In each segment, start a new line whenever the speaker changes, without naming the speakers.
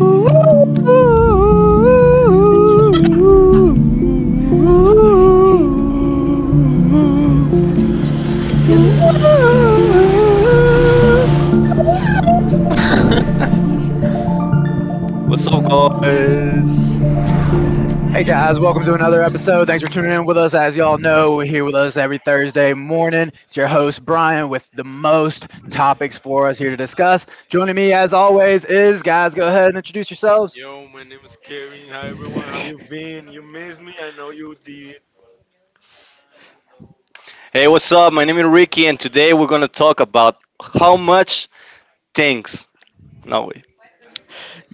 What's
El día de hoy,
up, guys?
Hey guys, welcome to another episode. Thanks for tuning in with us. As y'all know, we're here with us every Thursday morning. It's your host, Brian, with the most topics for us here to discuss. Joining me, as always, is guys, go ahead and introduce yourselves.
Yo, my name is Kevin. Hi, everyone. How you been? You miss me? I know you did.
Hey, what's up? My name is Ricky, and today we're gonna talk about how much things. No way.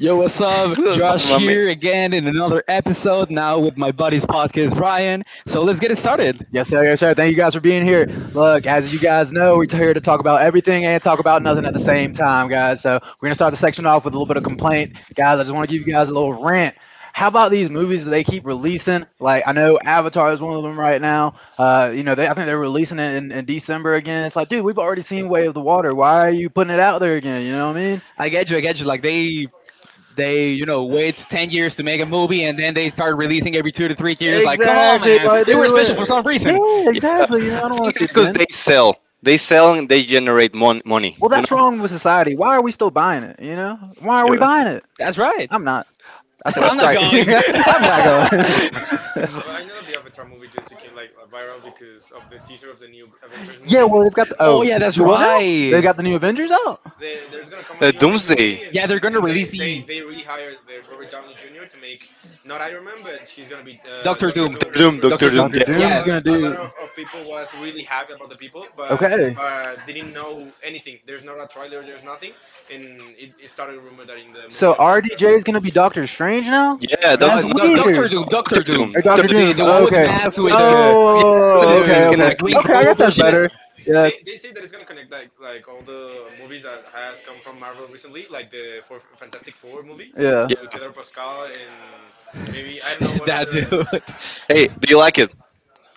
what's up? Josh
Mommy.
here again in another episode now with my buddies podcast Brian. So let's get it started.
Yes, sir. Yes, sir. Thank you guys for being here. Look, as you guys know, we're here to talk about everything and talk about nothing at the same time, guys. So we're gonna start the section off with a little bit of complaint, guys. I just want to give you guys a little rant. How about these movies that they keep releasing? Like I know Avatar is one of them right now. You know, I think they're releasing it in December again. It's like, dude, we've already seen Way of the Water. Why are you putting it out there again? You know what I mean?
I get you, I get you. Like they, you know, wait 10 years to make a movie, and then they start releasing every 2 to 3 years. Like, come on
Exactly.
man.
Like,
They were
dude,
special for some reason.
yeah, exactly. You know,
I
I don't
think
want to
it's
see it
because
again.
they sell. They sell and they generate money.
Well,
You
that's
know.
wrong with society. Why are we still buying it? You know, why are we
Yeah.
buying it?
That's right.
I'm not. I said we
Well,
I'm not
strike.
going.
I'm not going.
I know that the Avatar movie just became like viral because of the teaser of the new Avengers.
Yeah, well they've got the
Oh
oh,
yeah, that's
do what now? They
right.
got the new Avengers out.
There's gonna come a new Avengers
Doomsday.
movie.
Yeah, they're gonna release
They they
the
they rehired the Robert Downey Jr. to make not Iron Man, but he's gonna be
Doctor
Doctor
Doom.
Doom.
Doom,
Doctor Doom.
Doctor
Doctor Doom.
Doom,
Doctor
So
yeah,
a
Yeah,
Doom's
lot
gonna
a lot
do
of, of people was really happy about the people, but
okay.
didn't know anything. There's not a trailer. There's nothing, and it started a rumor that in the
So
movie of Avatar.
RDJ is gonna be Doctor Strange now.
yeah, doc,
no,
That's
no, no,
doc
no,
weird.
Doctor Doom,
Doctor
Doctor Doom,
Doom,
Or
Doctor
Doctor
Doom,
the
Doom.
the one with the
Okay.
mask
yeah, and,
with
Oh,
and,
okay,
the
and, and,
okay,
like green
okay. I
and
guess
robe or
that's
shit.
better. Yeah,
They say that it's gonna connect like all the movies that has come from Marvel recently, like the for Fantastic Four movie
yeah,
with
yeah.
Pedro Pascal, and maybe I don't know what
That
other.
dude,
Hey, do you like it?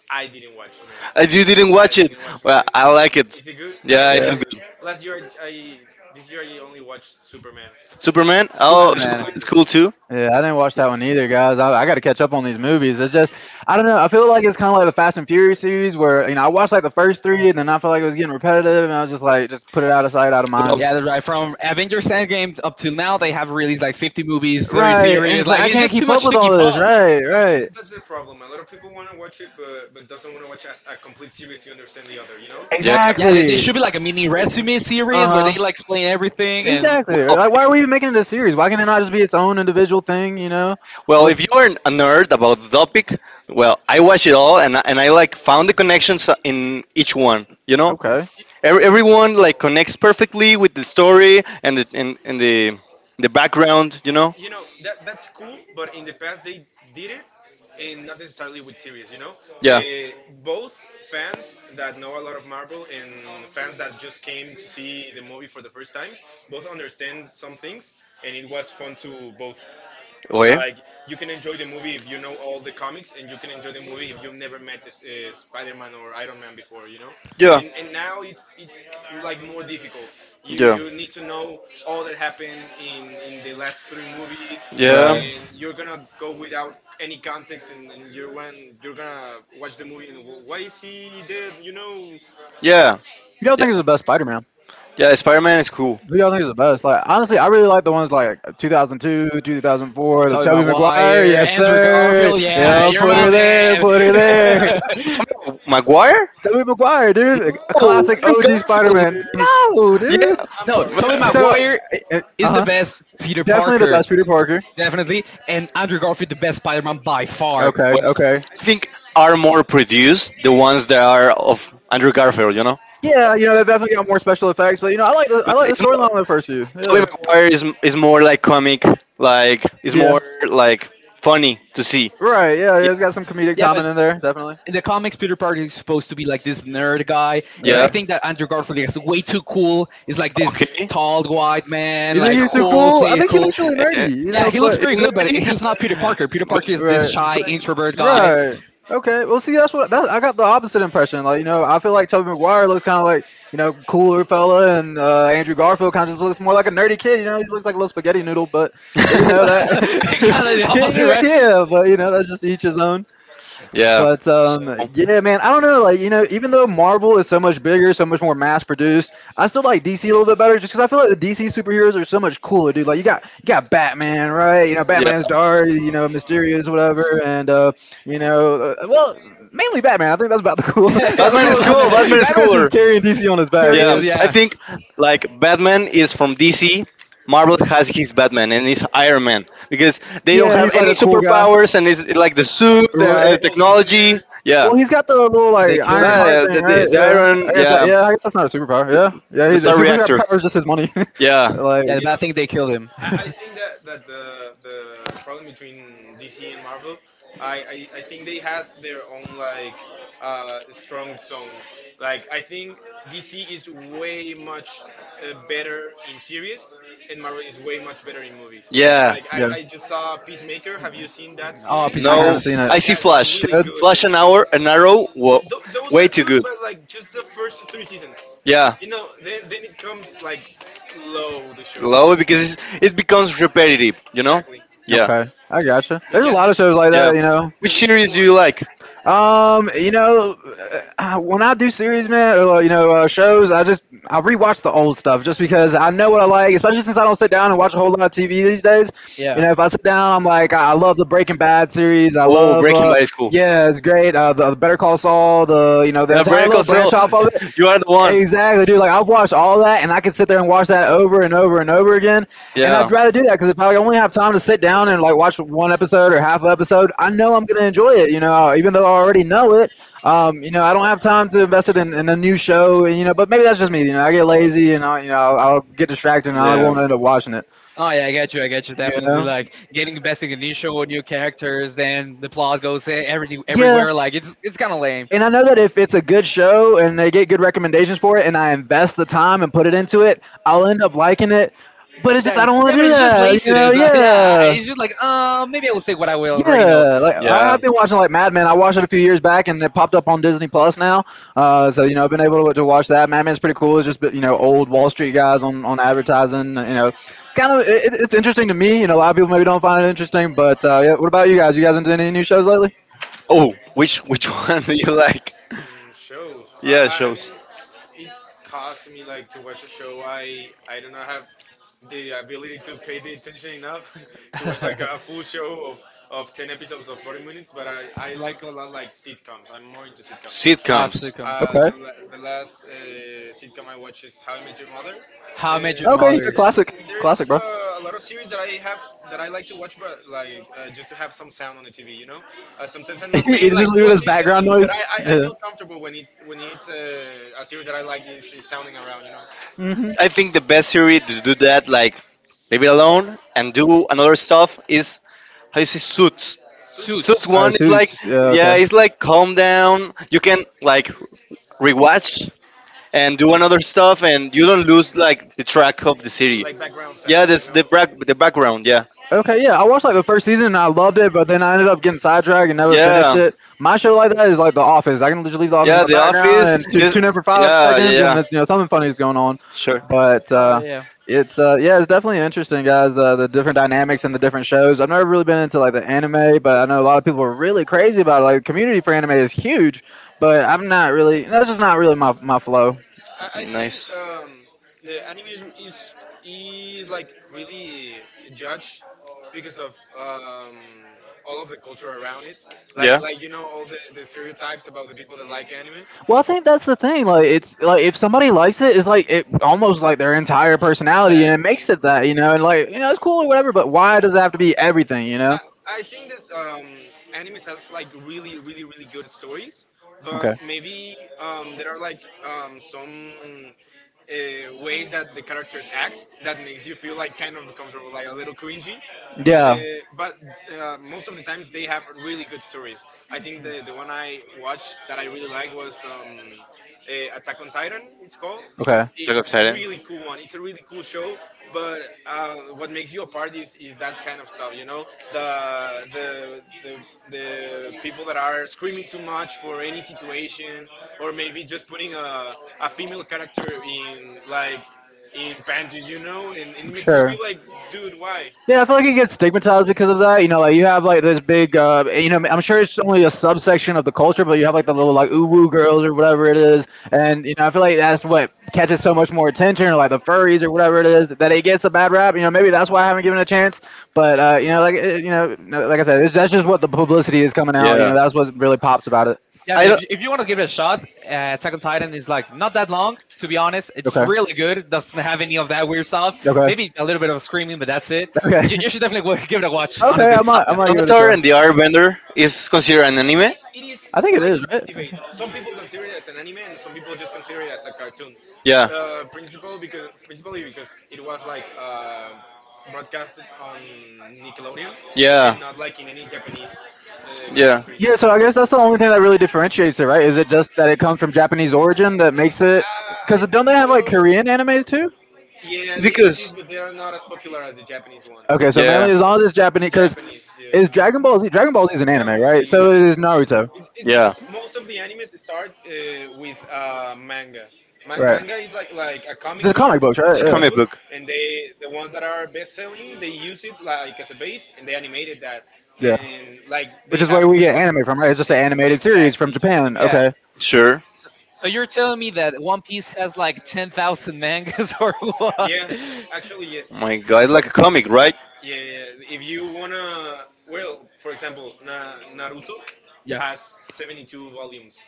I didn't watch, man.
As you didn't
I
watch it,
didn't watch,
well,
man.
I like it.
Is it good?
Yeah, it's
yeah.
I
good.
last year I This year I only watched Superman.
Superman?
Superman, oh,
Oh,
Superman
Superman.
is cool
Superman.
too.
Yeah, I didn't watch that one either, guys. I got to catch up on these movies. It's just, I don't know. I feel like it's kind of like the Fast and Furious series where, you know, I watched like the first three and then I felt like it was getting repetitive and I was just like, just put it out of sight, out of
Well,
mind.
yeah.
Yeah, that's right. From Avengers Endgame up till now, they have released like 50 movies, 30
Right. And
series.
just like,
Like
I
it's
can't
just too
keep up
much
with
to
all
keep up.
this. Right,
I think
right.
that's the problem. A lot of people want to watch it, but doesn't want to watch as a complete series to understand the other. You know.
Yeah, they
Exactly.
should be like a mini resume series where
Uh huh.
they like explain everything. And
Exactly.
Well,
Like, why are we even making it a series? Why can't it not just be its own individual thing? You know,
Well,
with
if you are a nerd about the topic, well, I watch it all and and I like found the connections in each one. You know,
okay.
Everyone like connects perfectly with the story and the and the background. You know,
You know that that's cool, but in the past they did it, and not necessarily with series. You know, uh, both fans that know a lot of Marvel and fans that just came to see the movie for the first time both understand some things, and it was fun to both. Like you can enjoy the movie if you know all the comics, and you can enjoy the movie if you've never met this, Spider-Man or Iron Man before, you know.
yeah, okay,
And now
Yeah.
it's like more difficult. You
Yeah.
you need to know all that happened in the last three movies,
Yeah.
and you're gonna go without any context, and you're when you're gonna watch the movie and, "Why is he dead?" You know,
Yeah.
You don't
Yeah.
think it's the best Spider-Man?
Yeah. Spider Man is cool.
Who y'all think is the best? Like honestly, I really like the ones like 2002, 2004, the
Tobey
Tobey Maguire.
Maguire,
Yes,
Andrew
sir.
Garfield. Yeah,
Yeah,
you're
put
my
her there.
man.
Put her there.
Tom Maguire?
Tobey Maguire,
No.
dude, a classic
Andrew
OG Spider-Man.
Garfield. Man.
No,
Yeah.
I'm
dude.
I'm, I'm
No,
No,
sorry.
Tobey.
Tobey
Every,
So,
Well,
everybody,
Maguire
uh
is the
huh.
best Peter
Definitely the
Parker,
best Peter Parker.
definitely, and Andrew Garfield the best Spider-Man by far.
Okay,
well,
okay.
I think are more produced the ones that are of Andrew Garfield. You know.
Yeah, you know they definitely got more special effects, but you know I like
But
the
it's more,
storyline of the first few. Yeah.
Tobey Maguire is more like comic, like is
Yeah.
more like funny to see.
Right. Yeah. Yeah. It's got some comedic
Yeah, but
timing in there, definitely.
in the comics, Peter Parker is supposed to be like this nerd guy, and I
Yeah.
Right.
think
Okay.
that Andrew Garfield is way too cool. Is like this tall white man,
You think
like
he's too
cool,
cool? I
play it
think he
cool.
looks really nerdy, you
Yeah,
know,
he looks
but
pretty
Isn't
good, but he's not
it
Peter Parker. Peter Parker is this
right.
shy
really?
introvert guy.
Right. Okay. Well, see, I got the opposite impression. Like, you know, I feel like Tobey Maguire looks kind of like, you know, cooler fella, and Andrew Garfield kind of just looks more like a nerdy kid. You know, he looks like a little spaghetti noodle, but you know that.
Kind of the opposite, right?
Yeah, but you know that's just each his own.
Yeah.
But
So,
yeah, man, I don't know. Like you know, even though Marvel is so much bigger, so much more mass produced, I still like DC a little bit better, just because I feel like the DC superheroes are so much cooler, dude. Like you got Batman, right? You know, Batman's
yeah.
dark, you know, mysterious, whatever, and you know, uh, well, mainly Batman. I think that's about the cool, about the
Batman
Yeah,
is
coolest
my
one.
cool.
man.
Batman is
Batman's just
cooler.
carrying DC on his back,
Harry
Yeah,
Nails,
dude.
I
yeah,
think like Batman is from DC. Marvel has his Batman and his Iron Man because they don't
Yeah,
have
he's like
any
the cool guy,
superpowers and it's like the suit and,
they're
and the
right?
both
Yeah.
technology.
millionaires.
Yeah,
Well, he's got the little
they
like
killed
Iron
him.
Heart
the,
thing,
the,
right?
the the
Yeah, I
Iron.
guess that.
Yeah,
Yeah, I guess that's not a superpower. Yeah, yeah.
the
He's,
The,
his
Star
superpower
Reactor.
power is just his money.
Yeah,
yeah, the
Like,
bad thing they killed him.
I think that, the problem between DC and Marvel, I think they had their own like strong zone. Like I think DC is way much better in series, and Marvel is way much better in movies.
yeah.
Like I,
yeah.
I just saw Peacemaker. Have you seen that
Oh,
series?
I
No,
haven't seen
peacemakers.
Look,
it.
I see
that's
Flash.
really
Good.
good.
Flash and Arrow and Arrow. Whoa,
Those
way
are
too
good,
good.
but like just the first three seasons.
Yeah,
You know, then it comes like low the
love
show,
it because it becomes repetitive, you know?
exactly.
Yeah,
Okay, I gotcha.
But
There's a
yeah,
lot
the,
of shows like
yeah.
that, you know.
Which
the recent
series do you
ones.
like?
You know, when I do series, man, or you know, shows, I rewatch the old stuff just because I know what I like. Especially since I don't sit down and watch a whole lot of TV these days. You
Yeah.
know, if I sit down, I'm like, I love the Breaking Bad series. I
Oh,
love,
Breaking Bad is cool.
yeah, it's great. The Better Call Saul, the you know, the
Yeah,
entire little
Breaking Cell,
branch off of it.
you are the one.
Exactly, dude. Like I've watched all that, and I could sit there and watch that over and over and over again. And
Yeah,
I'd rather do that because if I only have time to sit down and like watch one episode or half an episode, I know I'm gonna enjoy it. You know, even though I already know it. You know, I don't have time to invest it in a new show. You know, but maybe that's just me. You know, I get lazy and I, you know, I'll get distracted and I
yeah,
won't end up watching it.
Oh, yeah, I get you, I get you.
You
Definitely,
know.
like getting investing in new show, new characters, then the plot goes everything
Yeah.
everywhere. Like it's kind of lame.
And I know that if it's a good show and they get good recommendations for it, and I invest the time and put it into it, I'll end up liking it. But it's just I
That,
don't want
yeah,
to
but
do
it's just
that, you know?
laziness. Yeah,
Yeah,
it's just like maybe I will say what I will already know.
yeah. Like I
yeah.
have been watching like Mad Men. I watched it a few years back, and it popped up on Disney Plus now. So you know, I've been able to watch that. Mad Men's pretty cool. It's just you know old Wall Street guys on advertising. You know, it's kind of it's interesting to me. You know, a lot of people maybe don't find it interesting, but yeah. What about you guys? You guys into any new shows lately?
Oh, which one do you like?
Shows.
Yeah,
I,
shows.
I'm. It costs me like to watch a show. I do not have the ability to pay the attention enough to watch like
uh,
a full show of, 10 episodes of 40 minutes, but I like a lot like sitcoms. I'm more into sitcoms like
Sitcoms.
Sitcoms.
Okay.
the last sitcom I watched is How I Met Your Mother.
How
uh,
I Met
there,
Your
Okay, yeah,
Mother.
classic.
there is
Classic, bro.
a lot of series that I have that I like to watch, but like just to have some sound on the TV, you know. Sometimes I'm not
You
paying like
just leave
full
it as
attention,
background
but
noise?
I
Yeah.
feel comfortable when it's a series that I like, is, sounding around, you know.
hmm
I think the best series to do that, like leave it alone and do another stuff, is how you say Suits. Suits
Suits.
Oh,
one is like,
suits. Yeah,
yeah,
okay.
it's like calm down. You can like rewatch and do another stuff, and you don't lose like the track of the city. Yeah, this the background. Yeah,
Okay, yeah, I watched like the first season and I loved it, but then I ended up getting sidetracked and never finished
yeah,
it. My show like that is like The Office. I can just leave The Office in
yeah.
the
The
background
office
and just
is.
tune in for five
Yeah, yeah,
seconds, and
yeah.
it's, you know something funny is going on.
Sure.
But
All right. Yeah.
It's yeah, it's definitely interesting, guys. The different dynamics and the different shows. I've never really been into like the anime, but I know a lot of people are really crazy about it. Like the community for anime is huge, but I'm not really. That's just not really my flow.
I think
Nice.
the anime is, is like really judged because of all of the culture around it. Like
Yeah.
like you know all the stereotypes about the people that like anime.
Well, I think that's the thing. Like, it's like if somebody likes it, it's like it almost like their entire personality, and it makes it that you know, and like you know, it's cool or whatever. But why does it have to be everything? You know?
I, I think that animes has like really, really, really good stories,
Okay.
but maybe there are like some ways that the characters act that makes you feel like kind of comfortable, like a little cringy.
Yeah.
But most of the times they have really good stories. I think the one I watched that I really like was Attack on Titan, it's called.
Okay.
i-
Jack of
it's
Titan.
really cool one. It's a really cool show, but what makes you apart is, that kind of stuff, you know, the people that are screaming too much for any situation, or maybe just putting a female character in like in panties, you know, and it makes you feel like, dude, why?
Yeah, I feel like he gets stigmatized because of that. You know, like you have like this big, you know, I'm sure it's only a subsection of the culture, but you have like the little like uwu girls or whatever it is, and you know, I feel like that's what catches so much more attention, or like the furries or whatever it is, that it gets a bad rap. You know, maybe that's why I haven't given it a chance. But
Exactly.
you know, like you know, no, like I said, it's, that's just what the publicity is coming out. You know,
Yeah.
that's what really pops about it.
Yeah, I
I
mean,
don't.
if you want to give it a shot, Attack on Titan is like not
Not
that long. To be honest, it's
Okay.
really good. It doesn't have any of that weird stuff.
Okay.
Maybe a little bit of screaming, but that's it. You,
Okay.
you should definitely give it a watch.
Okay,
Honestly,
I might I
yeah,
might give it a
Avatar
try.
and the Airbender is considered an anime.
It is
I think it
like a
is, right?
big debate. Some people consider it as an anime, and some people just consider it as a cartoon.
Yeah,
Principally because it was like broadcasted on Nickelodeon,
yeah,
not like in any Japanese
yeah.
country.
Yeah, so I guess that's the only thing that really differentiates it, right? Is it just that it comes from Japanese origin that makes it?
I
Because don't
think
they have like
so.
Korean animes too?
Yeah, they exist,
Because
but they are not as popular as the Japanese ones.
Okay, so
yeah,
mainly as long as it's Japanese, because
Japanese, yeah.
is Dragon Ball Z is an
Dragon
anime,
Ball Z
right?
is
So
an anime.
is Naruto,
It's
yeah.
because most of the animes start with manga. Ma-
right?
manga is like a
It's
comic
the
book,
comic books, right?
It's
a
a
Yeah,
comic
comic
book,
book.
and the ones that are best selling, they use it like as a base, and they animated that,
yeah.
and like
Which
they
is
have
where we get anime from, right? It's just an animated series from
exactly just
Japan.
animated.
yeah.
Okay,
Sure.
So you're telling me that One Piece has like 10,000 mangas or what?
Yeah, actually
Oh
yes.
my God, like a comic, right?
Yeah, yeah, yeah. If you wanna, well, for example, Naruto
Yeah,
has 72 volumes,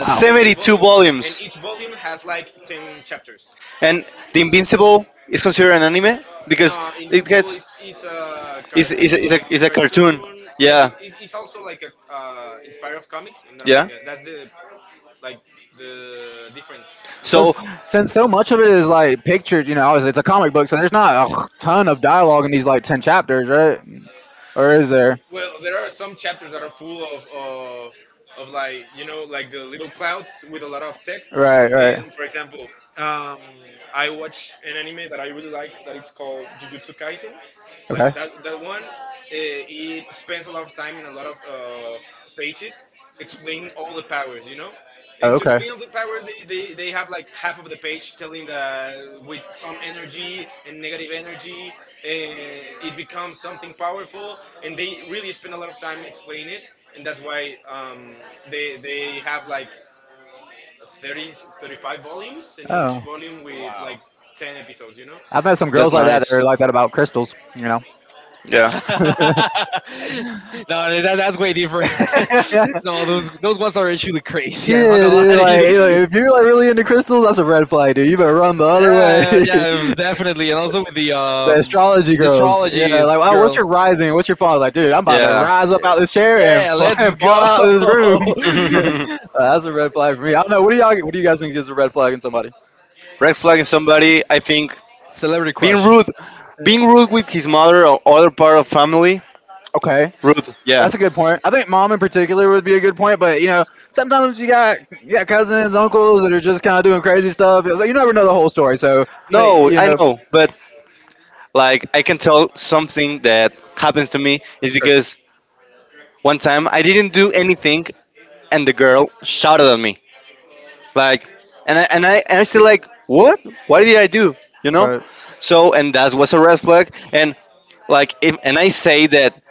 wow.
72
and
volumes,
each volume has like ten chapters.
and The Invincible is considered an anime because
No,
it
Invincible is
gets
a card, like
is a cartoon.
yeah,
Yeah,
it's also like a inspired of comics and not a
yeah.
manga. That's the like the difference
But
between.
So
since so much of it is like pictures, you know, obviously it's a comic book, so there's not a ton of dialogue in these like 10 chapters, right? Or is there?
Well, there are some chapters that are full of, of like you know like the little clouds with a lot of text.
Right, right.
And for example, um, I watch an anime that I really liked that it's called Jujutsu Kaisen.
Okay.
Like that one, it spends a lot of time and a lot of pages explaining all the powers. You know,
Oh,
and to
okay.
explain the power, they have like half of the page telling that with some energy and negative energy, and it becomes something powerful. And
Cool.
they really spend a lot of time explaining it. And that's why they have like 30, 35 volumes, and each
Oh,
volume with like
Wow.
10 episodes, you know?
I've met some
that's
girls like that that
nice.
are like that about crystals. You know.
Yeah,
No, that, that's way different.
Yeah,
No, those ones are actually crazy. I'm not gonna lie
dude. Like,
to
you know,
you.
if you're like really into crystals, that's a red flag, dude. You better run the other way.
Yeah, yeah, definitely. And also with the
The astrology girls. Yeah,
astrology
like, oh, what's
girls.
your rising? What's your fall? Like, dude, I'm about to
yeah.
rise up out this chair and,
Yeah, let's
and fall
go.
out of this room. That's a red flag for me. I don't know. What do y'all? What do you guys think is a red flag in somebody?
Red flagging somebody, I think
Celebrity
being
crush.
rude, being rude with his mother or other part of family.
Okay.
Rude, yeah.
That's a good point. I think mom in particular would be a good point, but you know, sometimes you got cousins, uncles that are just kind of doing crazy stuff. It's like you never know the whole story, so they,
No,
you
I
know,
know, but like I can tell something that happens to me is
sure,
because one time I didn't do anything and the girl shouted at me. Like, and I still like, what? What did I do? You know?
right,
So and that was a red flag. And like, if, and I say that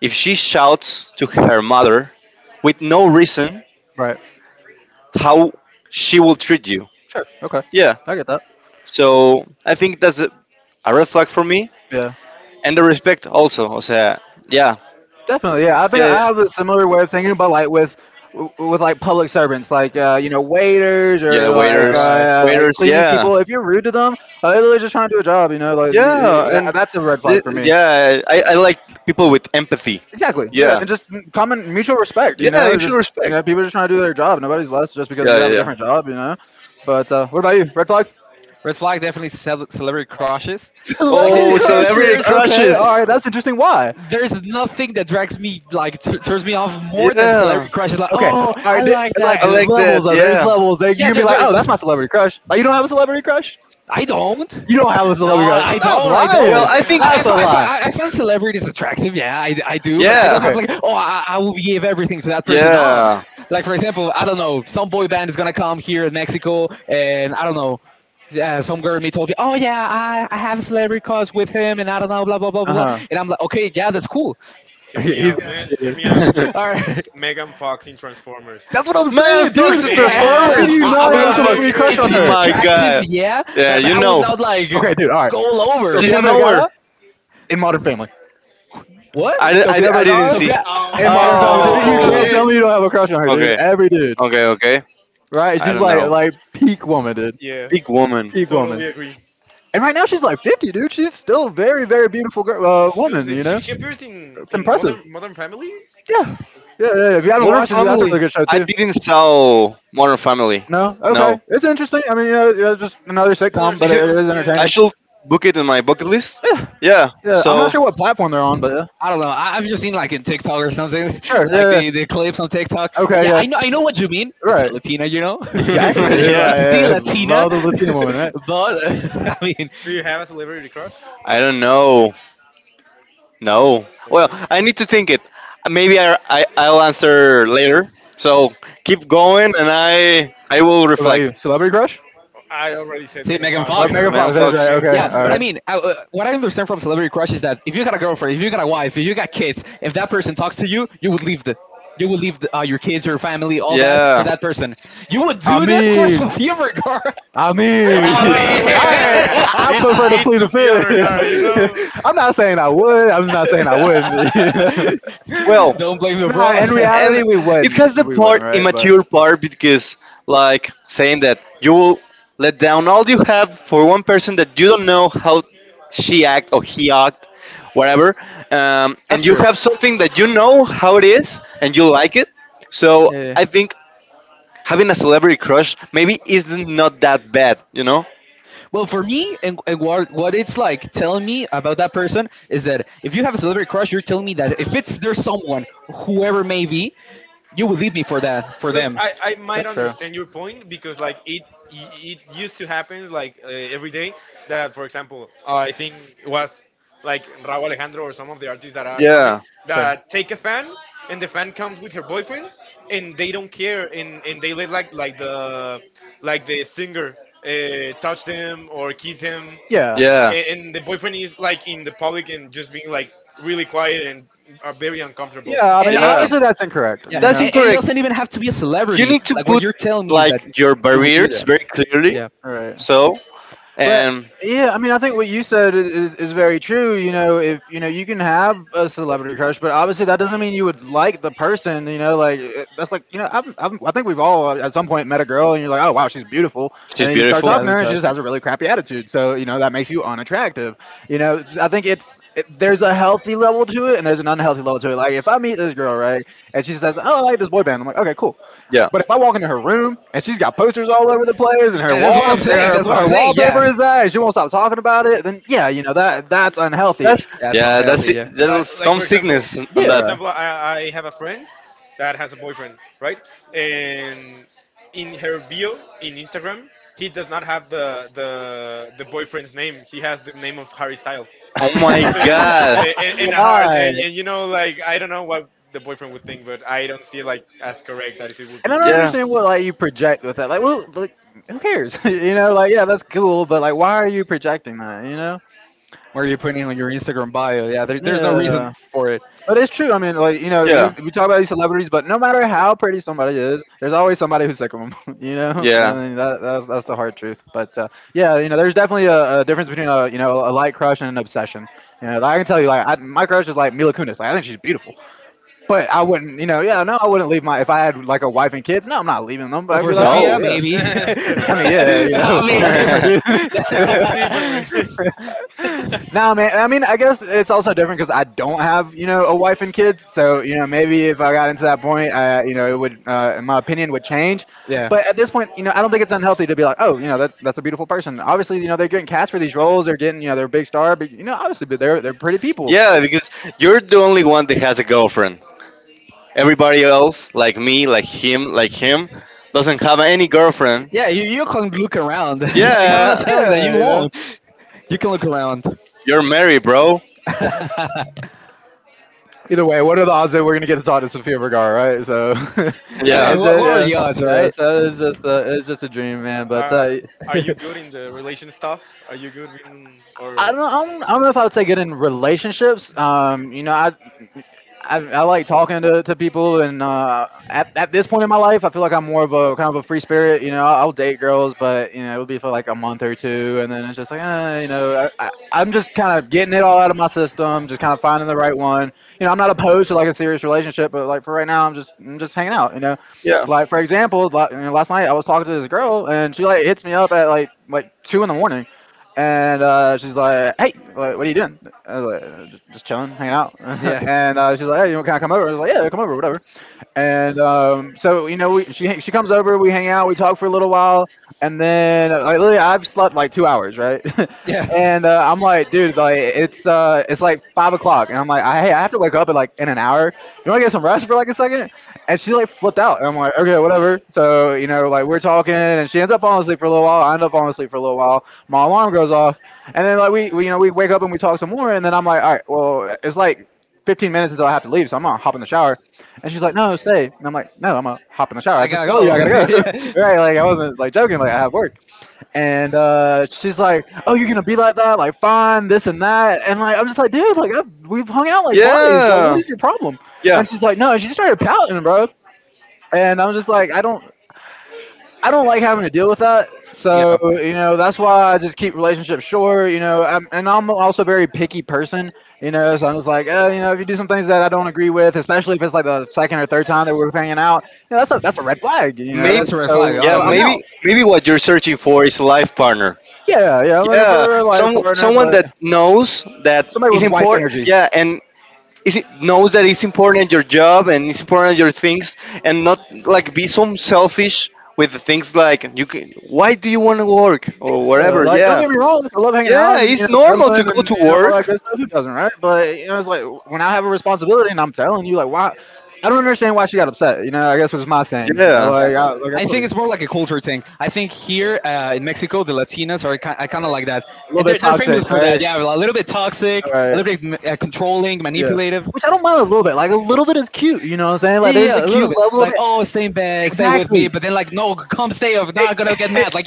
if she shouts to her mother with no reason,
right,
how she will treat you.
sure, okay,
Yeah,
I get that.
so I think that's a red flag for me,
Yeah,
and the respect also. O sea, yeah,
definitely. Yeah, I
yeah,
think
yeah,
I have
yeah.
a similar way of thinking about like with with like public servants, like you know, waiters
Yeah,
or
Yeah,
waiters,
right.
like
waiters,
cleaning
yeah,
people. If you're rude to them, they're literally just trying to do a job. You know, like
yeah, and
that's a red flag for me.
yeah, I like people with empathy.
Exactly. Yeah,
Yeah,
and just common mutual respect. You
yeah, you
know,
should
just you
respect.
know, people are just trying to do their job. Nobody's less just because
Yeah,
you
yeah,
have a
yeah.
different job. You know. But what about you? Red flag.
Red flag definitely celebrity crushes. Like there-
Celebrity
Oh,
there- there's
celebrity
crushes.
there's
Okay.
crushes.
All right. That's interesting. Why?
there's nothing that drags me like turns me off more than
Yeah,
celebrity crushes. Like
Okay.
oh,
All
I
right.
like
Like
that
I
dude.
like that.
levels though. There's
Yeah.
levels. Like you
Yeah,
can be
there,
like, oh,
there's.
that's my celebrity crush. Like you don't have a celebrity crush.
I don't.
You don't have a
No,
celebrity crush.
I
Stop
don't. I
Well,
don't.
lying.
I
I,
think.
I,
That's a
fi- I, fi-
lie.
I I find celebrities attractive. Yeah, I do, but I
Yeah.
don't have
Okay.
like, oh, I will give everything to that person. No,
Yeah.
like for example, I don't know, some boy band is gonna come here in Mexico, and I don't know, some girl me told me, oh yeah, I have a celebrity cause with him, and I don't know, blah blah blah blah, blah.
Uh
And I'm like, okay, yeah, that's cool.
huh.
Hear me
He's.
me out.
All right.
Megan Fox in Transformers.
That's what I'm
Megan
saying,
Fox and
dude. Like, how could
No,
Transformers.
you not have a
Megan
I mean,
celebrity
Fox.
crush
Oh
on
it's
her?
my
attractive,
god.
yeah,
Yeah,
but
you
I would
know.
not like
Okay, dude. All right.
go all over.
She's
Sofia
in nowhere.
Vergara in Modern Family.
What?
Sofia
I didn't
Vergara
see.
Sophia?
Oh
in
man.
Modern Family, dude. You
Oh
Oh.
can't
yeah.
tell me you don't have a crush on her, dude.
Okay.
Every dude,
Okay. Okay.
right?
I
She's
don't
like
know.
like peak woman, dude.
Yeah.
Big woman.
Peak woman.
Totally agree.
And right now she's like 50, dude. She's still very, very beautiful girl,
She, does
woman. You
it-
know,
she appears in
it's
in
impressive.
Modern Family.
Yeah. Yeah, yeah, yeah. If you haven't
Modern
watched it, dude, that's a
Family.
really good show
I
too.
didn't saw Modern Family.
No,
No.
okay, it's interesting. I mean, you know, just another
Another
sitcom, but
Is
it
it?
it
sitcom.
is
I
Yeah.
entertaining.
should book it in my bucket list.
Yeah.
Yeah.
Yeah, I'm
I,
not
So.
I,
sure what platform they're on, but yeah,
I don't know. I, I've just seen like in TikTok or something,
sure.
like
Yeah,
the clips on TikTok.
yeah.
And
Okay,
yeah,
yeah.
I know what you mean. It's a
Right.
Latina, you know.
Exactly, dude.
Yeah.
It's still
I
Latina,
love the Latina woman, right?
but I mean,
Do you have a celebrity crush?
I don't know. No.
I don't
Well,
know.
I need to think it. Maybe I, I'll answer later. So keep going, and I will
What about you?
reflect.
Celebrity crush?
I already said
see
Megan
Megan
Megan
Fox.
What about
You
Fox.
Megan Fox?
know.
That is
No,
Fox.
right.
Megan
Okay,
Yeah,
Fox
but I
all
is.
mean, I, what I understand from Celebrity Crush is that if you got a girlfriend, if you got a wife, if you got kids, if that person talks to you, you would leave the. You would leave the, your kids, your family, all
right.
that for
Yeah.
that person. You would
I
do that for
mean,
Sofia Vergara.
I
Why
mean,
not? Where?
I
It's
prefer to
I
it's
plead the
Sofia Vergara. You
mean,
fifth.
know.
I'm not saying I would. I'm just not saying I wouldn't. you know?
Well,
don't blame the
Nah,
brother.
in
and
reality, we
it has the
wouldn't. We wouldn't,
part
right? But
immature part because like saying that you will let down all you have for one person that you don't know how she act or he act whatever
that's
and you
true.
have something that you know how it is and you like it, so
Yeah.
I think having a celebrity crush maybe isn't not that bad, you know.
Well, for me, and what it's like telling me about that person is that if you have a celebrity crush, you're telling me that if it's there's someone, whoever may be, you would leave me for that, for
Look,
them.
I
That's
might
true.
understand your point, because like it used to happen like every day that, for example, I think it was like Raúl Alejandro or some of the artists that are coming,
Yeah,
that take a fan, and the fan comes with her boyfriend, and they don't care, and, they let like like the singer touch them or kiss him,
Yeah.
yeah,
and, the boyfriend is like in the public and just being like really quiet and are very uncomfortable.
Yeah, I
And,
mean,
and,
yeah.
and-
obviously that's incorrect,
yeah,
you
That's
know.
and it
incorrect.
doesn't even have to be a
You
celebrity.
need to
Like what
put
you're telling me is that
like your
you would do
barriers very
that.
clearly.
Yeah,
Right.
So,
But
and
yeah, I mean, I think what you said is, is very true. You know, if you know, you can have a celebrity crush, but obviously that doesn't mean you would like the person. You know, like that's like you know, I've, I think we've all at some point met a girl and you're like, oh wow, she's beautiful,
she's
and then you start
beautiful.
yeah,
talking to her
that's
and she
right.
just has a really crappy attitude, so you know that makes you unattractive. You know I think it's there's a healthy level to it and there's an unhealthy level to it. Like if I meet this girl, right, and she says, oh, I like this boy band, I'm like, okay, cool,
Yeah,
but if I walk into her room and she's got posters all over the place and her
Yeah, that's what
Yeah,
I'm
walls and
saying.
that's
That's what I'm
her
right.
saying.
wallpaper
Yeah.
is that and she won't stop talking about it, then yeah, you know that that's unhealthy,
that's
That's
yeah, that's
unhealthy,
it.
yeah.
like
There's
like
some
for example,
sickness on that.
yeah.
I have a friend that has a boyfriend, right, and in her bio in Instagram, he does not have the boyfriend's name, he has the name of Harry Styles
Oh my
and
god.
a heart,
Why?
and, you know, like, I don't know what the boyfriend would think, but I don't see it like as correct as it would
And
be.
I don't
Yeah,
understand what like you project with that. Like, well, like who cares? you know, like yeah, that's cool, but like, why are you projecting that? You know?
Where are you putting on your Instagram bio? Yeah, there, there's no reason
Yeah.
for it.
But it's true. I mean, like you know,
yeah,
we talk about these celebrities, but no matter how pretty somebody is, there's always somebody who's sick of them. You know, I
yeah.
mean, that's the hard truth. But yeah, you know, there's definitely a difference between a you know a light crush and an obsession. You know, like, I can tell you, like I, my crush is like Mila Kunis. Like I think she's beautiful, but I wouldn't, you know, yeah, no, I wouldn't leave my if I had like a wife and kids. No, I'm not leaving them. But
But
I'd
for
be like, oh
Sophia,
No.
yeah,
maybe.
I mean, yeah,
That-
you
I
know, that's different, dude.
that's
mean,
that's the different.
Nah, man. I mean, I guess it's also different because I don't have, you know, a wife and kids. So, you know, maybe if I got into that point, I, you know, it would, my opinion would change.
yeah,
But at this point, you know, I don't think it's unhealthy to be like, oh, you know, that that's a beautiful person. Obviously, you know, they're getting cast for these roles. They're getting, you know, they're a big star. But you know, obviously, but they're pretty people.
Yeah, because you're the only one that has a girlfriend. Everybody else, like me, like him, doesn't have any girlfriend.
yeah. You can look around. Like I'm not
Yeah.
telling that
Yeah,
you
you know.
won't. You can look around.
You're married, bro.
Yeah, I
Either way, what are the odds that we're gonna get to talk to Sofia Vergara, right? So,
Yeah.
mean,
it's
Well,
just,
what are
yeah,
the odds,
yeah.
right?
So it's just a dream, man. But
Uh, are you good in the relation stuff? Are you good in, or
I don't know if I would say good in relationships. You know, I like talking to people, and at this point in my life, I feel like I'm more of a kind of a free spirit. You know, I'll date girls, but you know, it would be for like a month or two, and then it's just like, eh, you know, I'm just kind of getting it all out of my system, just kind of finding the right one. You know, I'm not opposed to like a serious relationship, but like for right now, I'm just hanging out. You know,
Yeah.
like for example, you know, last night I was talking to this girl, and she like hits me up at like two in the morning. And she's like, "Hey, what are you doing?" I was like, just chilling, hanging out."
Yeah,
and she's like, "Hey, you want to come over?" I was like, "Yeah, come over, whatever." And so you know, she comes over, we hang out, we talk for a little while, and then like literally, I've slept like 2 hours, right?
yeah.
and I'm like, dude, like it's like 5 o'clock, and I'm like, I, hey, I have to wake up in like in an hour. You want to get some rest for like a second? And she like flipped out, and I'm like, okay, whatever. So you know, like we're talking, and she ends up falling asleep for a little while. I end up falling asleep for a little while, my alarm goes off, and then like we you know we wake up and we talk some more, and then I'm like, all right, well it's like 15 minutes until I have to leave, so I'm gonna hop in the shower, and she's like, no, stay, and I'm like, no, I'm gonna hop in the shower. I
I
just
gotta
told you I
go.
gotta go,
Yeah.
right? Like I wasn't like joking, like I have work, and she's like, oh, you're gonna be like that, like fine, this and that, and like I'm just like, dude, like I've, we've hung out like twice, like what
Yeah.
is your problem?
Yeah.
And she's like, no, and she started pouting, bro. And I'm just like, I don't like having to deal with that. So,
Yeah,
you know, that's why I just keep relationships short, you know, I'm, and I'm also a very picky person, you know, so I'm just like, you know, if you do some things that I don't agree with, especially if it's like the second or third time that we're hanging out, you know, that's a red flag, you
yeah,
Maybe.
know,
that's a red flag,
so,
Yeah.
so I'm
honestly.
Maybe.
out.
Maybe what you're searching for is a life partner.
Yeah, yeah, I'm looking
Yeah.
for a life
Some
partner,
someone
but
that knows that
somebody
it's
with wife
important.
energy.
Yeah, and is it knows that it's important your job and it's important your things, and not like be some selfish with the things like you can. Why do you want to work or
Yeah,
whatever?
like don't
Yeah.
get me wrong, like, I love hanging out
Yeah.
and you
It's
know
normal to
cuddling and
go
you
to
know all that
work.
good stuff. Who doesn't, right? But you know, it's like when I have a responsibility and I'm telling you, like, why? I don't understand why she got upset. You know, I guess it was my thing.
Yeah.
Yeah,
Like, I, like I
I
told
think
you,
it's more like a culture thing. I think here in Mexico, the Latinas are kind, I kind of like that,
a little
and
bit
they're famous
toxic,
for that.
right?
Yeah, a little bit toxic, a
Right?
little bit controlling,
Yeah.
manipulative.
Which I don't mind a little bit. Like a little bit is cute. You know what I'm saying?
Yeah,
Like
yeah,
there's a
yeah, a little
cute
bit.
level of
Like,
it.
oh, stay in bed, stay with me,
Exactly.
but then like, no, come stay. If not, I'm gonna get mad. Like,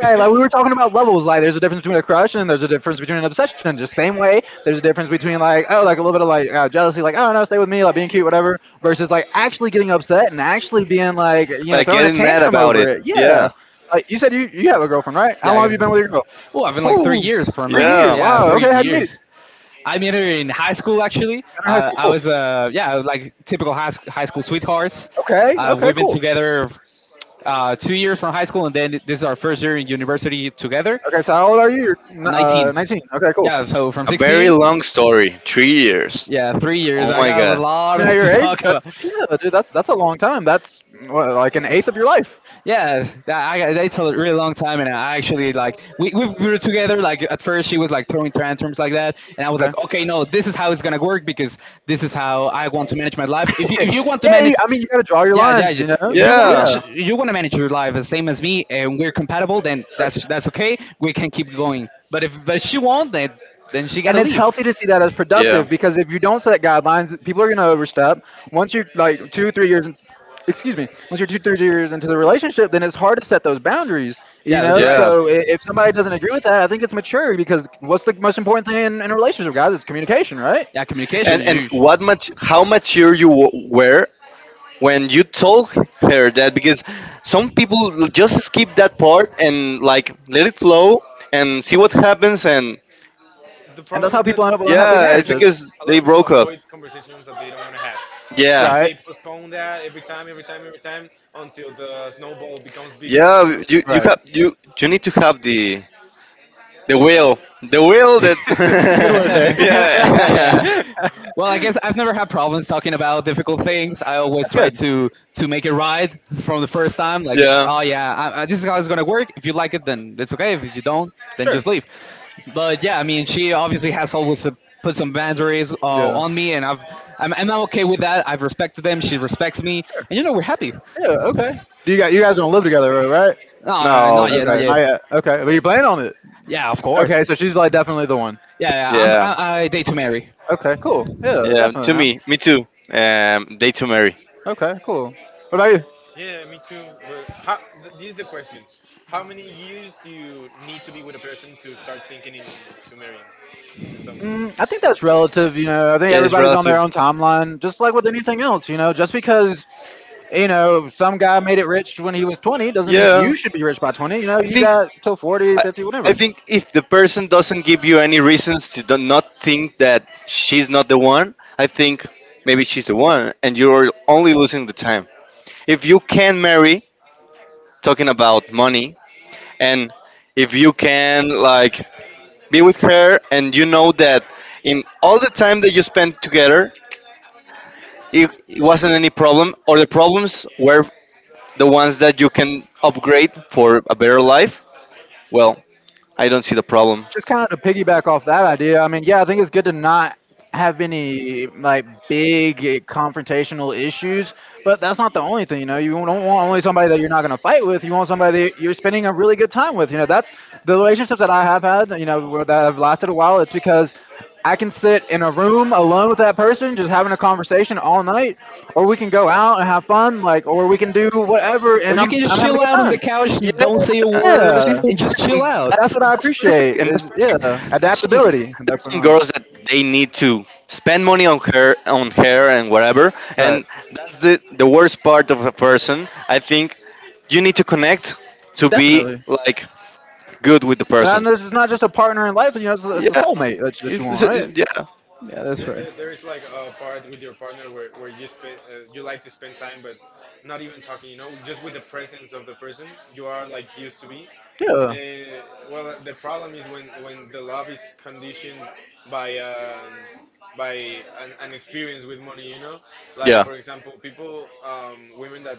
Right, like we were talking about levels. Like, there's a difference between a crush and there's a difference between an obsession. Just same way, there's a difference between like, oh, like a little bit of like jealousy, like, oh no, stay with me, like being cute, whatever, versus like actually getting upset and actually being like, you know,
Like
throwing a
getting mad
tantrum
about
over
it.
it. Yeah,
Yeah.
like you said, you have a girlfriend, right? How
yeah, I
long have
gotta
you been with your
go.
girl?
Oh, I've been like 3 years from
Three
now.
years.
Yeah,
Yeah,
Wow.
three
Okay, how'd you meet her?
years. I met her in high school. Actually,
Met her in high school.
I
Cool.
was yeah, like typical high school sweethearts.
Okay. Okay.
We've been
Cool.
together 2 years from high school, and then this is our first year in university together.
Okay. So how old are you?
I'm
You're 19.
19.
Okay. Cool. I
Yeah, so from
a very
16,
long story. 3 years.
yeah, 3 years.
Oh
I
my
got a
god.
lot
mean, at
to
your age,
talk about.
that's yeah, dude. That's a long time. That's what, like an eighth of your life.
Yeah, that's a really long time, and I actually like we were together. Like at first, she was like throwing tantrums like that, and I was
Okay.
like, okay, no, this is how it's gonna work because this is how I want to manage my life. If you want to
yeah,
manage,
you- I mean, you got to draw your
yeah, yeah,
lines,
yeah.
you know?
If you want to
Yeah,
manage,
Yeah.
you want to manage your life the same as me, and we're compatible, then that's okay. We can keep going. But if but she won't, then she
And
gotta
it's
leave.
healthy to see that as
yeah,
productive because if you don't set guidelines, people are going to overstep. Once you're like two, three years, in, excuse me, once you're two, three years into the relationship, then it's hard to set those boundaries, you
Yeah, that's
know?
right.
yeah.
So if somebody doesn't agree with that, I think it's maturity because what's the most important thing in a relationship, guys? It's communication, right?
Yeah, communication
And
is
what much? How mature
huge.
you were when you told her that? Because some people just skip that part and like let it flow and see what happens. And
the
And that's
problem
how
is that
people end up with unhappy
yeah, it's
marriages,
because
a lot
they
of people
broke up.
avoid conversations that they don't want to have,
Yeah,
and they
right?
postpone that every time, until the snowball becomes bigger,
yeah.
you know.
Right.
You need to have the. The wheel that,
Good word there.
yeah,
yeah.
That's
Well, I guess I've never had problems talking about difficult things. I always try
good.
to make it right from the first time. Like, yeah.
yeah.
Oh yeah, I, this is how it's gonna work. If you like it, then it's okay. If you don't, then
Sure.
just leave. But yeah, I mean, she obviously has always put some boundaries
Yeah.
on me, and I've I'm not okay with that. I've respected them. She respects me,
Sure.
and you know we're happy.
Yeah.
No,
Okay. Do you guys don't live together, right?
no, no
No,
not yet, not
Okay.
yet.
Not yet. Okay. But you plan on it.
Yeah, of course.
Okay. So she's like definitely the one.
Yeah, yeah. I'm,
yeah,
I date to marry.
Okay. Cool. Yeah.
yeah.
Definitely,
To
man.
me, me too. They to marry.
Okay. Cool. What about you?
Yeah, me too, but how, this is the question, how many years do you need to be with a person to start thinking in, to marrying someone?
I think that's relative. You know, I think
Yeah, it's
everybody's on
relative.
their own timeline, just like with anything else. You know, just because you know some guy made it rich when he was 20 doesn't mean
Yeah,
you should be rich by 20. You know,
I
you
think.
got till 40,
I,
50,
I
whatever.
think if the person doesn't give you any reasons to do not think that she's not the one, I think maybe she's the one, and you're only losing the time. If you can marry, talking about money, and if you can like be with her, and you know that in all the time that you spent together, it wasn't any problem, or the problems were the ones that you can upgrade for a better life. Well, I don't see the problem.
Just kind of to piggyback off that idea. I mean, yeah, I think it's good to not have any like big confrontational issues, but that's not the only thing. You know, you don't want only somebody that you're not going to fight with. You want somebody that you're spending a really good time with. You know, that's the relationships that I have had. You know, where- that have lasted a while. It's because I can sit in a room alone with that person, just having a conversation all night, or we can go out and have fun, like, or we can do whatever,
Or
and
you
I'm
can just
I'm having a
chill
good
out on the
time.
couch
Yeah,
and don't say a
and
word
that's,
Yeah,
the
and just
And
chill out.
that's what I
that's perfect,
appreciate.
and that's
Is
perfect.
yeah,
There's some g-
adaptability.
there's some
Definitely.
girls that they need to spend money on her on hair and whatever,
Right.
and that's the worst part of a person. I think you need to connect to be
Definitely.
like good with the
So now
person.
this is not just a partner in life. You know, it's a
Yeah,
soulmate that you want, right?
yeah,
Yeah, that's
There, there,
right.
there is like a part with your partner where, you spend, you like to spend time, but not even talking. You know, just with the presence of the person you are like used to be.
Yeah.
Uh, well, the problem is when the love is conditioned by an by an experience with money. You know, like
yeah,
for example, people women that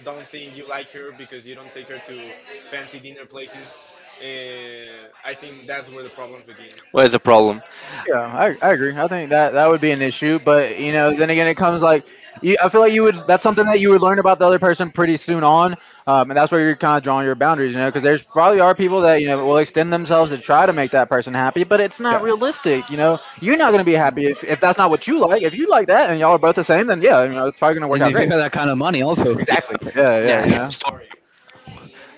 don't think you like her because you don't take her to fancy dinner places. I think that's where the problem begins.
what is the problem?
Yeah. I agree. I think that that would be an issue, but you know, then again, it comes like you, I feel like you would. That's something that you would learn about the other person pretty soon on, and that's where you're kind of drawing your boundaries, you know, because there's probably are people that you know will extend themselves to try to make that person happy, but it's not
Yeah.
realistic. You know, you're not going to be happy
And
if that's not what you like. If you like that and y'all are both the same, then yeah, you know, it's probably going to work out
if you
great.
have that kind of money, also.
Yeah,
Exactly. Yeah, yeah.
Yeah.
You know.
so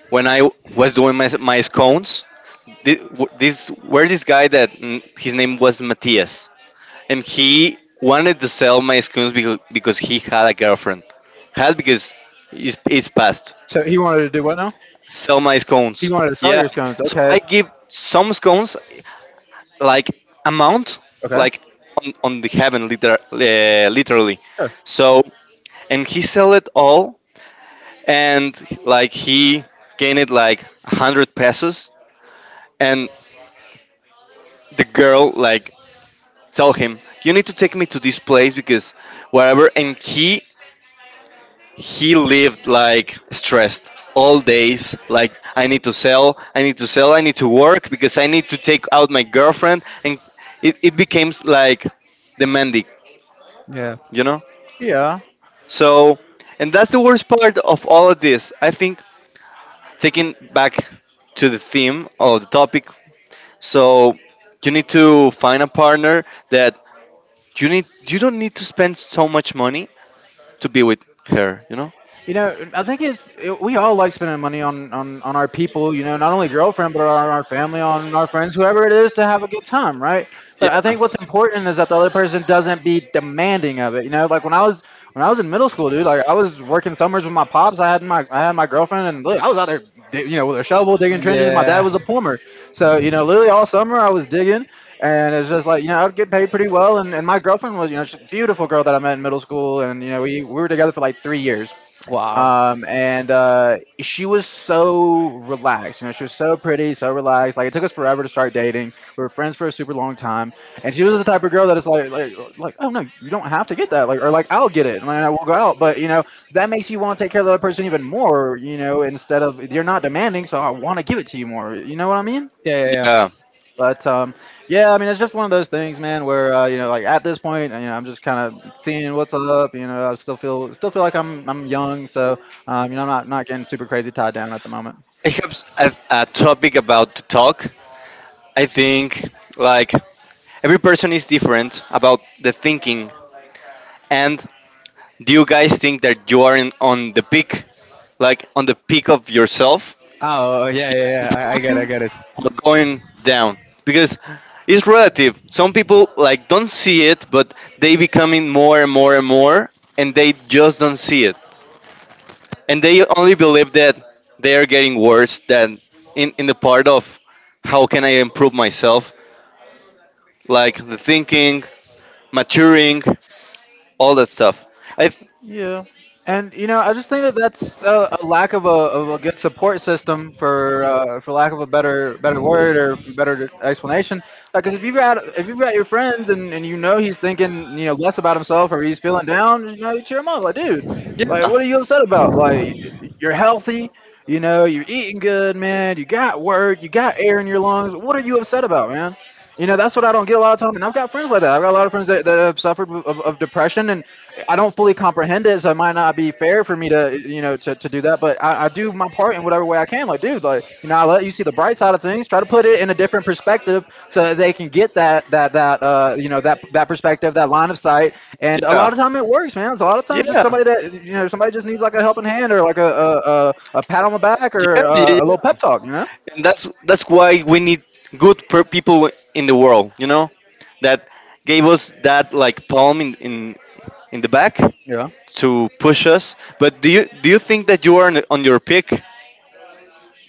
when I was doing my scones, this where this guy that his name was Matthias, and he wanted to sell my scones because he had a girlfriend, had because it's past.
So he wanted to do what now?
Sell my
He
scones.
wanted to sell
Yeah.
your scones.
So I
Okay.
give some scones like amount
Okay.
like on the heaven literally.
Sure.
So and he sell it all and like he gained it like 100 pesos and the girl like tell him you need to take me to this place because wherever and he lived like stressed all days like I need to sell, I need to sell, I need to work because I need to take out my girlfriend, and it became like demanding,
Yeah.
you know.
Yeah.
So and that's the worst part of all of this, I think. Taking back to the theme or the topic, so you need to find a partner that you need, you don't need to spend so much money to be with her, you know.
You know, I think we all like spending money on, on our people. You know, not only girlfriend, but on our family, on our friends, whoever it is, to have a good time, right?
Yeah,
But I think what's important is that the other person doesn't be demanding of it. You know, like when I was in middle school, dude, like I was working summers with my pops. I had my girlfriend, and look, I was out there, dig- you know, with a shovel digging trenches. My dad was
Yeah.
a plumber, so you know, literally all summer I was digging, and it's just like you know, I would get paid pretty well. And my girlfriend was, you know, she's a beautiful girl that I met in middle school, and you know, we were together for like three years
Wow.
and she was so relaxed. You know, she was so pretty, so relaxed. Like it took us forever to start dating. We were friends for a super long time, and she was the type of girl that is like, oh no, you don't have to get that, like, or like, I'll get it, and I will go out. But you know, that makes you want to take care of the other person even more. You know, instead of you're not demanding, so I want to give it to you more. You know what I mean?
Yeah, yeah,
yeah.
yeah.
But yeah, I mean, it's just one of those things, man. Where you know, like at this point, you know, I'm just kind of seeing what's up. You know, I still feel like I'm young, so you know, I'm not getting super crazy tied down at the moment.
I have a topic about to talk. I think like every person is different about the thinking. And do you guys think that you are on the peak, like on the peak of yourself,
Oh, yeah, yeah, yeah. I get it, I
moving
get it.
or going down? Because it's relative. Some people like don't see it, but they becoming more and more and more, and they just don't see it, and they only believe that they are getting worse than in the part of how can I improve myself, like the thinking, maturing, all that stuff. I th-
Yeah, and you know, I just think that that's a lack of a good support system for lack of a better word or better explanation. Like, cause if you've got your friends and you know he's thinking you know less about himself or he's feeling down, you know, you cheer him up. Like, dude,
yeah,
like
yeah,
what are you upset about? Like, you're healthy, you know, you're eating good, man. You got work, you got air in your lungs. What are you upset about, man? You know, that's what I don't get a lot of time. And I've got friends like that. I've got a lot of friends that, that have suffered of depression, and I don't fully comprehend it. So it might not be fair for me to, you know, to do that. But I do my part in whatever way I can. Like, dude, like, you know, I let you see the bright side of things. Try to put it in a different perspective so that they can get that, you know, that perspective, that line of sight. And a
yeah,
lot of time it works, man. It's a lot of times just
yeah,
somebody that, you know, somebody just needs like a helping hand or like a pat on the back or
yeah,
a little
yeah.
pep talk, you know?
And that's why we need people in the world, you know, that gave us that like palm in, in the back
Yeah.
to push us. But do you think that you are on your peak?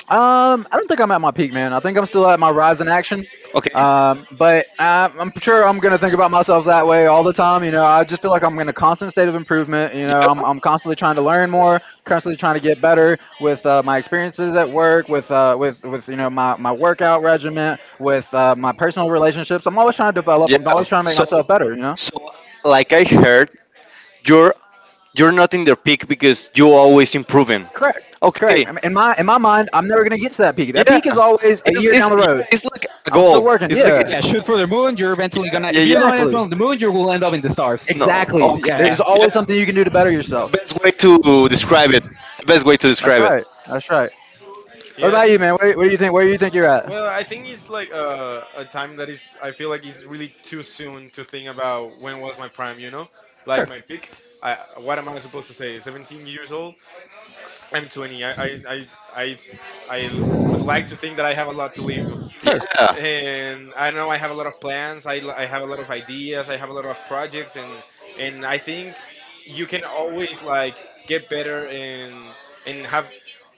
I don't think I'm at my peak, man. I think I'm still at my rise in action.
Okay.
But I'm sure I'm gonna think about myself that way all the time. You know, I just feel like I'm in a constant state of improvement. You know,
Yeah,
I'm constantly trying to learn more, constantly trying to get better with my experiences at work, with with you know my workout regimen, with my personal relationships. I'm always trying to develop.
yeah.
I'm always trying to make
So
myself better. You know.
so like I heard, you're you're not in the peak because you're always improving.
Correct. Correct.
Okay.
I mean, in my mind, I'm never gonna get to that peak. That
Yeah,
peak is always a year down
it's
the
yeah,
road.
it's like a
I'm still
goal.
working.
It's like
Yeah.
it's a
Yeah, shoot for
goal.
the moon. You're eventually gonna.
Yeah,
If you don't
yeah.
end
Exactly.
up on the moon, you will end up in the stars.
No,
Exactly.
okay.
There's
Yeah.
That's
always something you can do to better yourself.
the best way to describe it. The best way to
That's
describe it.
right. That's right. What
Yeah, I
about you,
think
man? Where do you think you're at?
Well, I think it's like a time that is, I feel like it's really too soon to think about when was my prime, you know? Like my peak. What am I supposed to say? 17 years old? I'm 20. I, I would like to think that I have a lot to live,
Sure.
Yeah,
and I know I have a lot of plans. I have a lot of ideas. I have a lot of projects, and I think you can always like get better, and have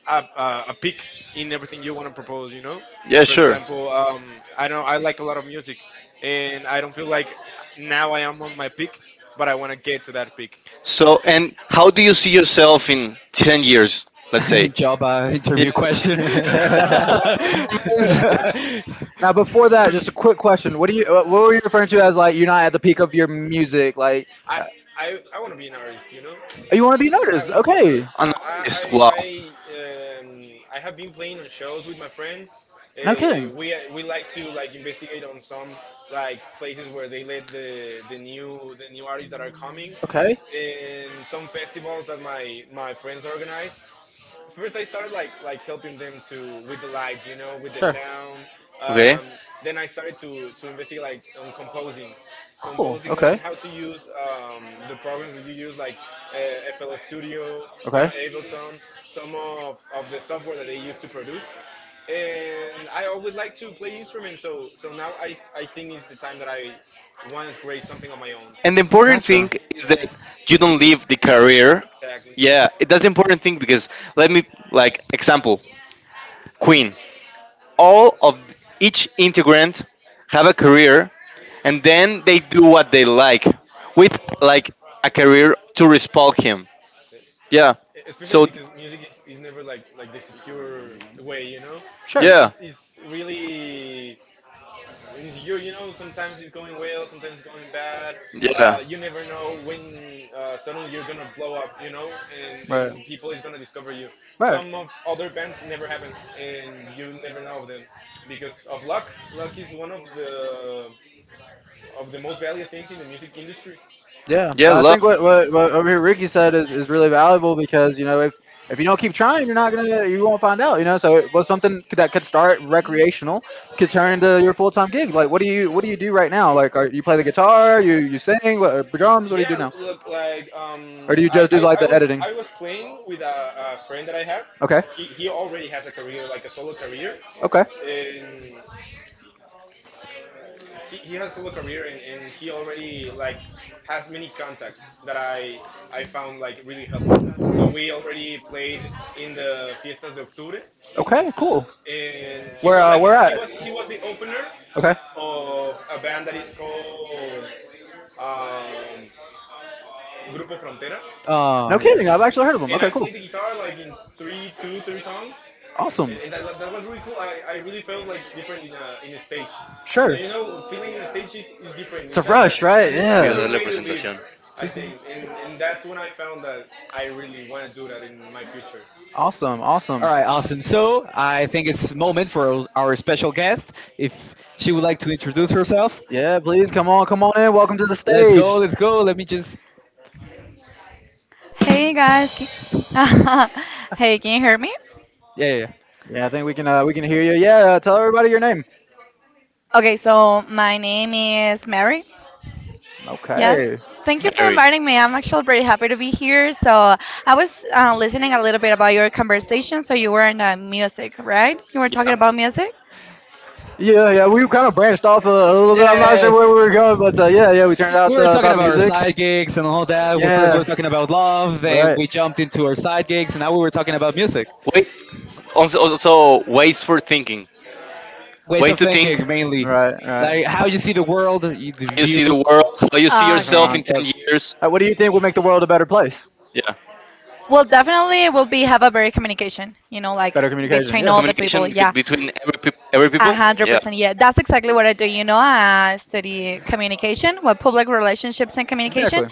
a peak in everything you want to propose. You know,
yeah,
for
sure.
example, I know I like a lot of music, and I don't feel like now I am on my peak, but I want to get to that peak.
So, and how do you see yourself in 10 years? Let's say.
Job
Yeah,
interview question.
performance.
Now, before that, just a quick question. What do you? What were you referring to as like you're not at the peak of your music? Like,
I I want to be an artist. You know,
oh, you want to be
I
noticed?
want to be an
Okay.
artist.
An artist. Wow.
I have been playing on shows with my friends.
No kidding.
We like to investigate on some like places where they let the new artists that are coming,
Okay.
and some festivals that my friends organize. First I started like helping them to with the lights, you know, with the
Sure.
sound.
Okay.
Um, then I started to investigate like on composing,
Cool.
composing, learning
Okay.
how to use the programs that you use like uh, FL Studio, you
Okay.
know, Ableton, some of the software that they use to produce. And I always like to play instruments, so now I think it's the time that I want to create something on my own.
And the important thing
Gotcha.
is that you don't leave the career.
Exactly.
Yeah, it- that's the important thing because let me like example Queen. All of each integrant have a career, and then they do what they like with a career to respond him. Yeah. So
Especially because music is never like the secure way, you know.
Sure.
It-
yeah,
it's, it's really insecure, you know. Sometimes it's going well, sometimes it's going bad.
yeah,
You never know when suddenly you're gonna blow up, you know, and people is gonna discover you.
Right.
Some of other bands never happen and you never know of them because of luck. Luck is one
Right.
of the most valued things in the music industry.
Yeah,
yeah.
but I think
Love.
what over here Ricky said is really valuable because you know if you don't keep trying, you're not gonna you won't find out. You know, so it was something that could start recreational could turn into your full time gig. Like, what do you do right now? Like, are, you play the guitar? You sing? What, or drums? What do you
Yeah,
do now?
look, like
Or do you
I,
just do
I,
like
I
the
was
editing?
playing with a friend that I have.
Okay,
He already has a career, like a solo career,
okay,
and he has a solo career, and, he already like has many contacts that I found like really helpful. So we already played in the Fiestas de Octubre,
okay, cool.
and he was like
Where at?
he was the opener
Okay,
of a band that is called um, Grupo Frontera.
no
Oh yeah.
kidding. I've actually heard of them.
And I
Okay, cool,
played the guitar like in three songs. So-
awesome.
and that, that was really cool. I really felt like different in a stage, and then,
Sure.
you know, feeling in a stage is different.
It's a
It's a,
rush, right?
an,
Yeah.
another way to live,
Sí,
I
sí, sí.
think, and that's when I found that I really want to do that in my future.
Awesome.
All
Awesome.
right, awesome. So I think it's moment for our special guest. If she would like to introduce herself,
Yeah. Please come on. Come on in. Welcome to the
let's go.
stage.
Let's go. Let me just.
Hey, hear me?
Yeah, yeah,
Yeah, I think we can hear you. Yeah, tell everybody your name.
Okay, so my name is Mary. Yes.
Okay.
Thank you for
Very.
inviting me. I'm actually pretty happy to be here. So I was listening a little bit about your conversation. So you were in music, right? You were talking
Yeah.
about music?
Yeah, yeah, we kind of branched off a little bit.
yeah.
I'm not
Yeah,
sure
yeah,
where
yeah.
we were going, but yeah, yeah, we turned
We
out
were talking
about
about our
music.
side gigs and all that. We first
Yeah.
were talking about love, then
Right.
we jumped into our side gigs, and now we were talking about music,
Ways also ways for thinking,
ways
ways
of
to think, how
thinking mainly,
Right. Right.
like how you see the world, the
you
view.
see the world, how you see
Different
yourself in
Okay.
ten
mindsets.
years.
What do you think would make the world a better place?
Yeah.
Well, definitely it will be have a very communication, you know, like
Better communication,
between
yeah.
all the people.
Communication
Yeah,
bec- between every peop every
a
people.
hundred
Yeah.
percent. Yeah, that's exactly what I do. You know, I study communication, well, public relationships and communication,
Exactly.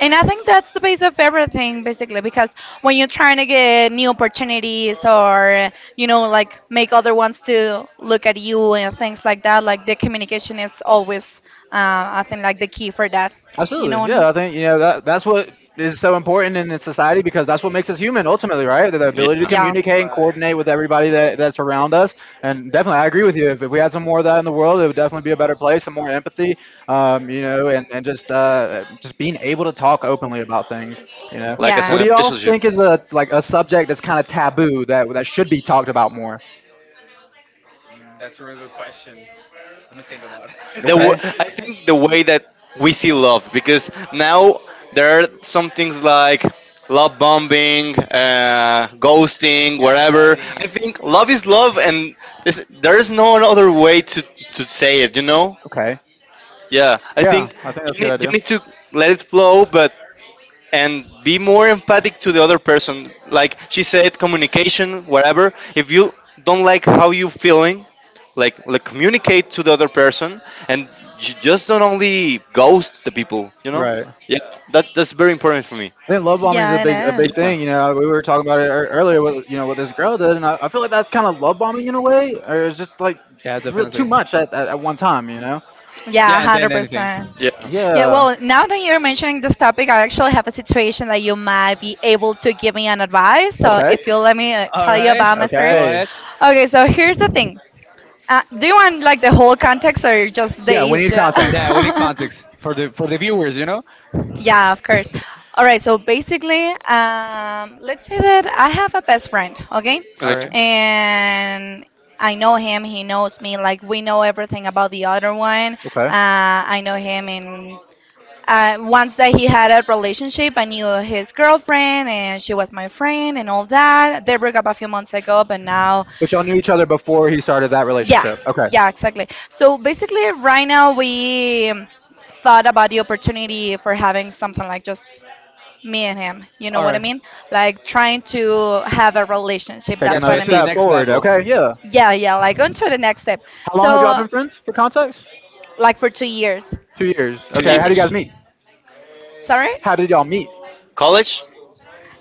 and I think that's the base of everything basically. Because when you're trying to get new opportunities or you know, like make other ones to look at you and things like that, like the communication is always, uh, I think, like the key for that. You know
Absolutely.
what I mean?
Yeah, I think you know that that's what is so important in this society because that's what makes us human ultimately, right? The
Yeah.
ability to
Yeah,
communicate and
Right.
coordinate with everybody that, that's around us. And definitely, I agree with you. If we had some more of that in the world, it would definitely be a better place and more empathy, you know, and just being able to talk openly about things, you know.
Like as
What
in
yeah,
a
do y'all
relationship.
think is a subject that's kind of taboo that that should be talked about more?
Mm, that's a really good question. Let me think about
Okay.
I
it.
think the way that we see love, because now there are some things like love bombing, ghosting, whatever. I
Gaslighting.
think love is love, and there is no other way to say it, you know?
Okay.
Yeah. I think
Yeah, I think that's
you
a
need
good
you
idea.
need to let it flow, but and be more empathic to the other person. Like she said, communication, whatever. If you don't like how you feeling, like communicate to the other person, and just don't
Not.
only ghost the people, you know?
Right.
Yeah, that that's very important for me.
I think love bombing is a
yeah.
big a
It
big, yeah,
Yeah,
is.
thing. You know, we were talking about it earlier. With, you know, what this girl did, and I feel like that's kind of love bombing in a way, or it's just like, yeah,
Yeah,
real,
definitely.
too much at, at one time. You know.
Yeah,
Yeah, and then anything.
100%.
yeah.
Yeah,
Yeah.
well, now that you're mentioning this topic, I actually have a situation that you might be able to give me an advice. So
Okay,
Okay.
if you'll let me
All
tell you
right,
about my story.
go
Okay.
ahead.
Okay, so here's the thing. Do you want like the whole context or just the
Yeah, we need
issue?
Oh,
context.
Yeah, we need context for the viewers, you know.
Yeah, of course. All right, so basically, let's say that I have a best friend, okay?
All
okay.
right,
And I know him, he knows me, like we know everything about the other one.
Okay.
I know him in once that he had a relationship, I knew his girlfriend and she was my friend and all that. They broke up a few months ago, but now,
But y'all knew each other before he started that
yeah,
relationship. Okay.
yeah, exactly. So basically, right now we thought about the opportunity for having something like just me and him. You know
all
what I
right.
mean? Like trying to have a relationship.
Take
Yeah,
That's
to
what
another
get
I
to the
mean.
step
next
forward.
level.
Okay. Yeah.
Yeah, yeah, like on to the next step.
How long have y'all
So,
been friends for context?
like for 2 years.
2 years.
Two
Two
Okay.
Yes.
How do you
years.
guys
years,
meet?
Sorry?
How did y'all meet?
college,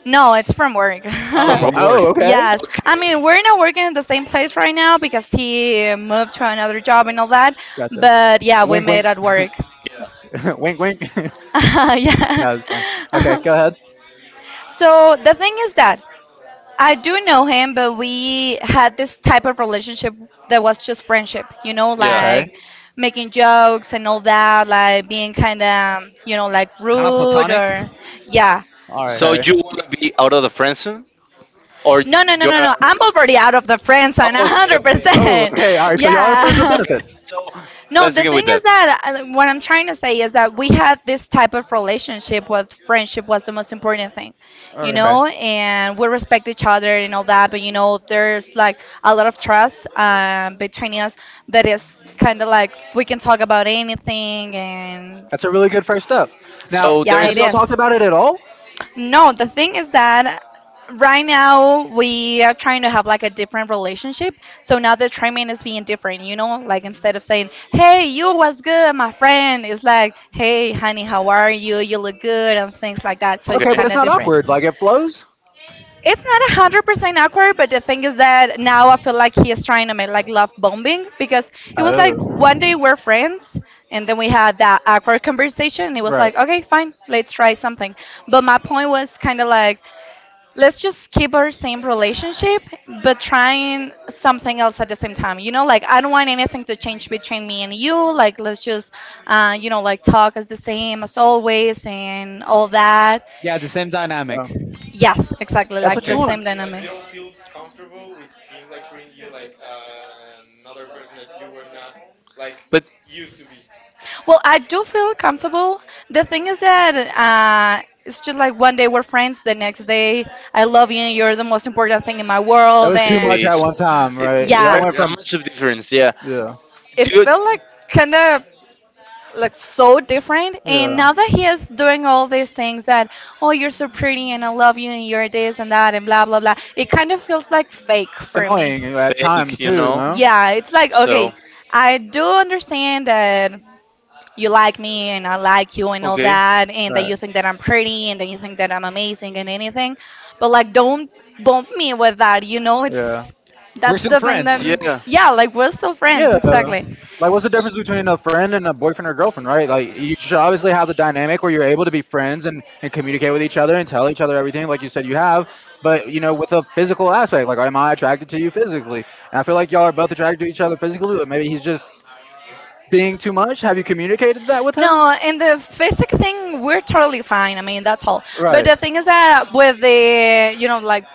No, it's from work.
Oh,
From
from
from work.
oh, okay.
Yes.
work.
I mean, we're not working in the same place right now because he moved to another job and all that,
Gotcha.
but yeah, we
Wink,
made
wink,
it work.
wink, wink.
Yeah.
No, it's fine. Okay, go ahead.
So the thing is that
I
I
do
do
know
know
him
him, but
because he
we
had
had this
this type
type
of
of relationship
relationship that
that
was
was
just
just friendship, you
friendship.
know,
Yeah.
Okay.
like making jokes and all that, like being kind of, you know, like
Kind of
rude
platonic.
or yeah.
All right.
So
Okay.
you would be out of the friend zone, or— No,
No,
no,
no, no,
you—
no,
no, are
no. I'm
already?
already out of the friend zone,
Oh, okay, okay.
Oh,
100%.
okay. All right. So y'all are friends with
Yeah.
benefits.
No.
No,
Let's
the
begin with
thing
that.
is that what I'm trying to say is that we had this type of relationship with friendship was the most important thing,
All
you
right.
Okay.
know, and we respect each other and all that, but you know, there's like a lot of trust between us that is kind of like we can talk about anything, and
That's a really good first step. Now,
So there
yeah,
have
is.
it
y'all
is.
talked about it at all?
No, the thing is that right now we are trying to have like a different relationship. So now the treatment is being different, you know? Like instead of saying, hey, you, was good, my friend? It's like, hey, honey, how are you? You look good, and things like that. So
Okay,
it's
Okay.
but
kind
it's
of
not
different.
awkward. Like it flows.
It's not 100% awkward, but the thing is that now I feel like he is trying to make like love bombing because it was like
Oh,
one day we're friends and then we had that awkward conversation and it was
right.
like, okay, fine, let's try something. But my point was kind of like, let's just keep our same relationship but trying something else at the same time, you know, like I don't want anything to change between me and you, like let's just you know, like talk as the same as always and all that.
Yeah, the same dynamic.
Um.
Yes, exactly,
so
That's
like
what
the
you
like
Okay.
want.
same
you
dynamic.
don't feel comfortable with him like treating you like another person that you were not like
But—
used to be.
Well, I do feel comfortable. The thing is that it's just like one day we're friends, the next day I love you, you're the most important thing in my
It
world,
was too much
and
Okay,
at
so
one time,
it,
right? Y'all
yeah,
very
went from,
much of difference, yeah.
yeah,
it
Good,
felt like kind of like so different. And now
yeah.
that he is doing all these things that, oh, you're so pretty and I love you and you're this and that and blah blah blah, it kind of feels like fake
It's
for me.
annoying at
fake,
times
you
too,
know.
no?
Yeah, it's like,
So
okay, I do understand that you like me and I like you and all
okay,
that, and that
Right.
you think that I'm pretty and that you think that I'm amazing and anything, but like don't bump me with that, you know,
Yeah.
it's
Mhm. We're
that's
still
the thing that,
friends.
yeah, yeah,
yeah, like we're still
Yeah.
friends exactly.
Like, what's the difference between a friend and a boyfriend or girlfriend, right? Like, you should obviously have the dynamic where you're able to be friends and communicate with each other and tell each other everything, like you said you have. But, you know, with a physical aspect, like, am I attracted to you physically? And I feel like y'all are both attracted to each other physically, but maybe he's just being too much. Have you communicated that with him?
No, and the physic thing, we're totally fine. I mean, that's all. But
Right.
the thing is that with the, you know, like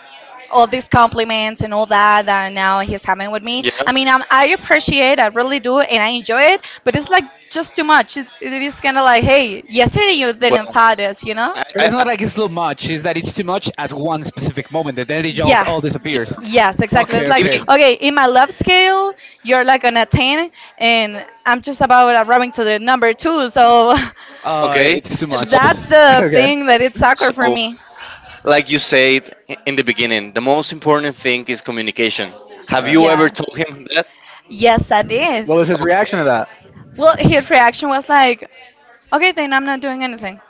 all these compliments and all that that now he's having with me, I mean, I appreciate, I really do, and I enjoy it. But it's like just too much. It's, it is kind of like, hey, yesterday you didn't
well,
thought this, you know?
I,
But
I,
it's
I,
not like it's too much, it's that it's too much at one specific moment and then it just
Yeah.
all disappears.
Yes, exactly.
Okay,
It's like,
okay.
maybe—
okay, in my love scale, you're like on a 10, and I'm just about arriving to the number two. So
Okay,
It's too
so
much.
that's the
Okay.
thing that it's awkward for
so
me.
like you said in the beginning, the most important thing is communication.
All
Have
right.
you ever
Yeah.
told him that?
Yes, I did.
What was his
Okay.
reaction to that?
Well, his reaction was like, okay, then I'm not doing anything.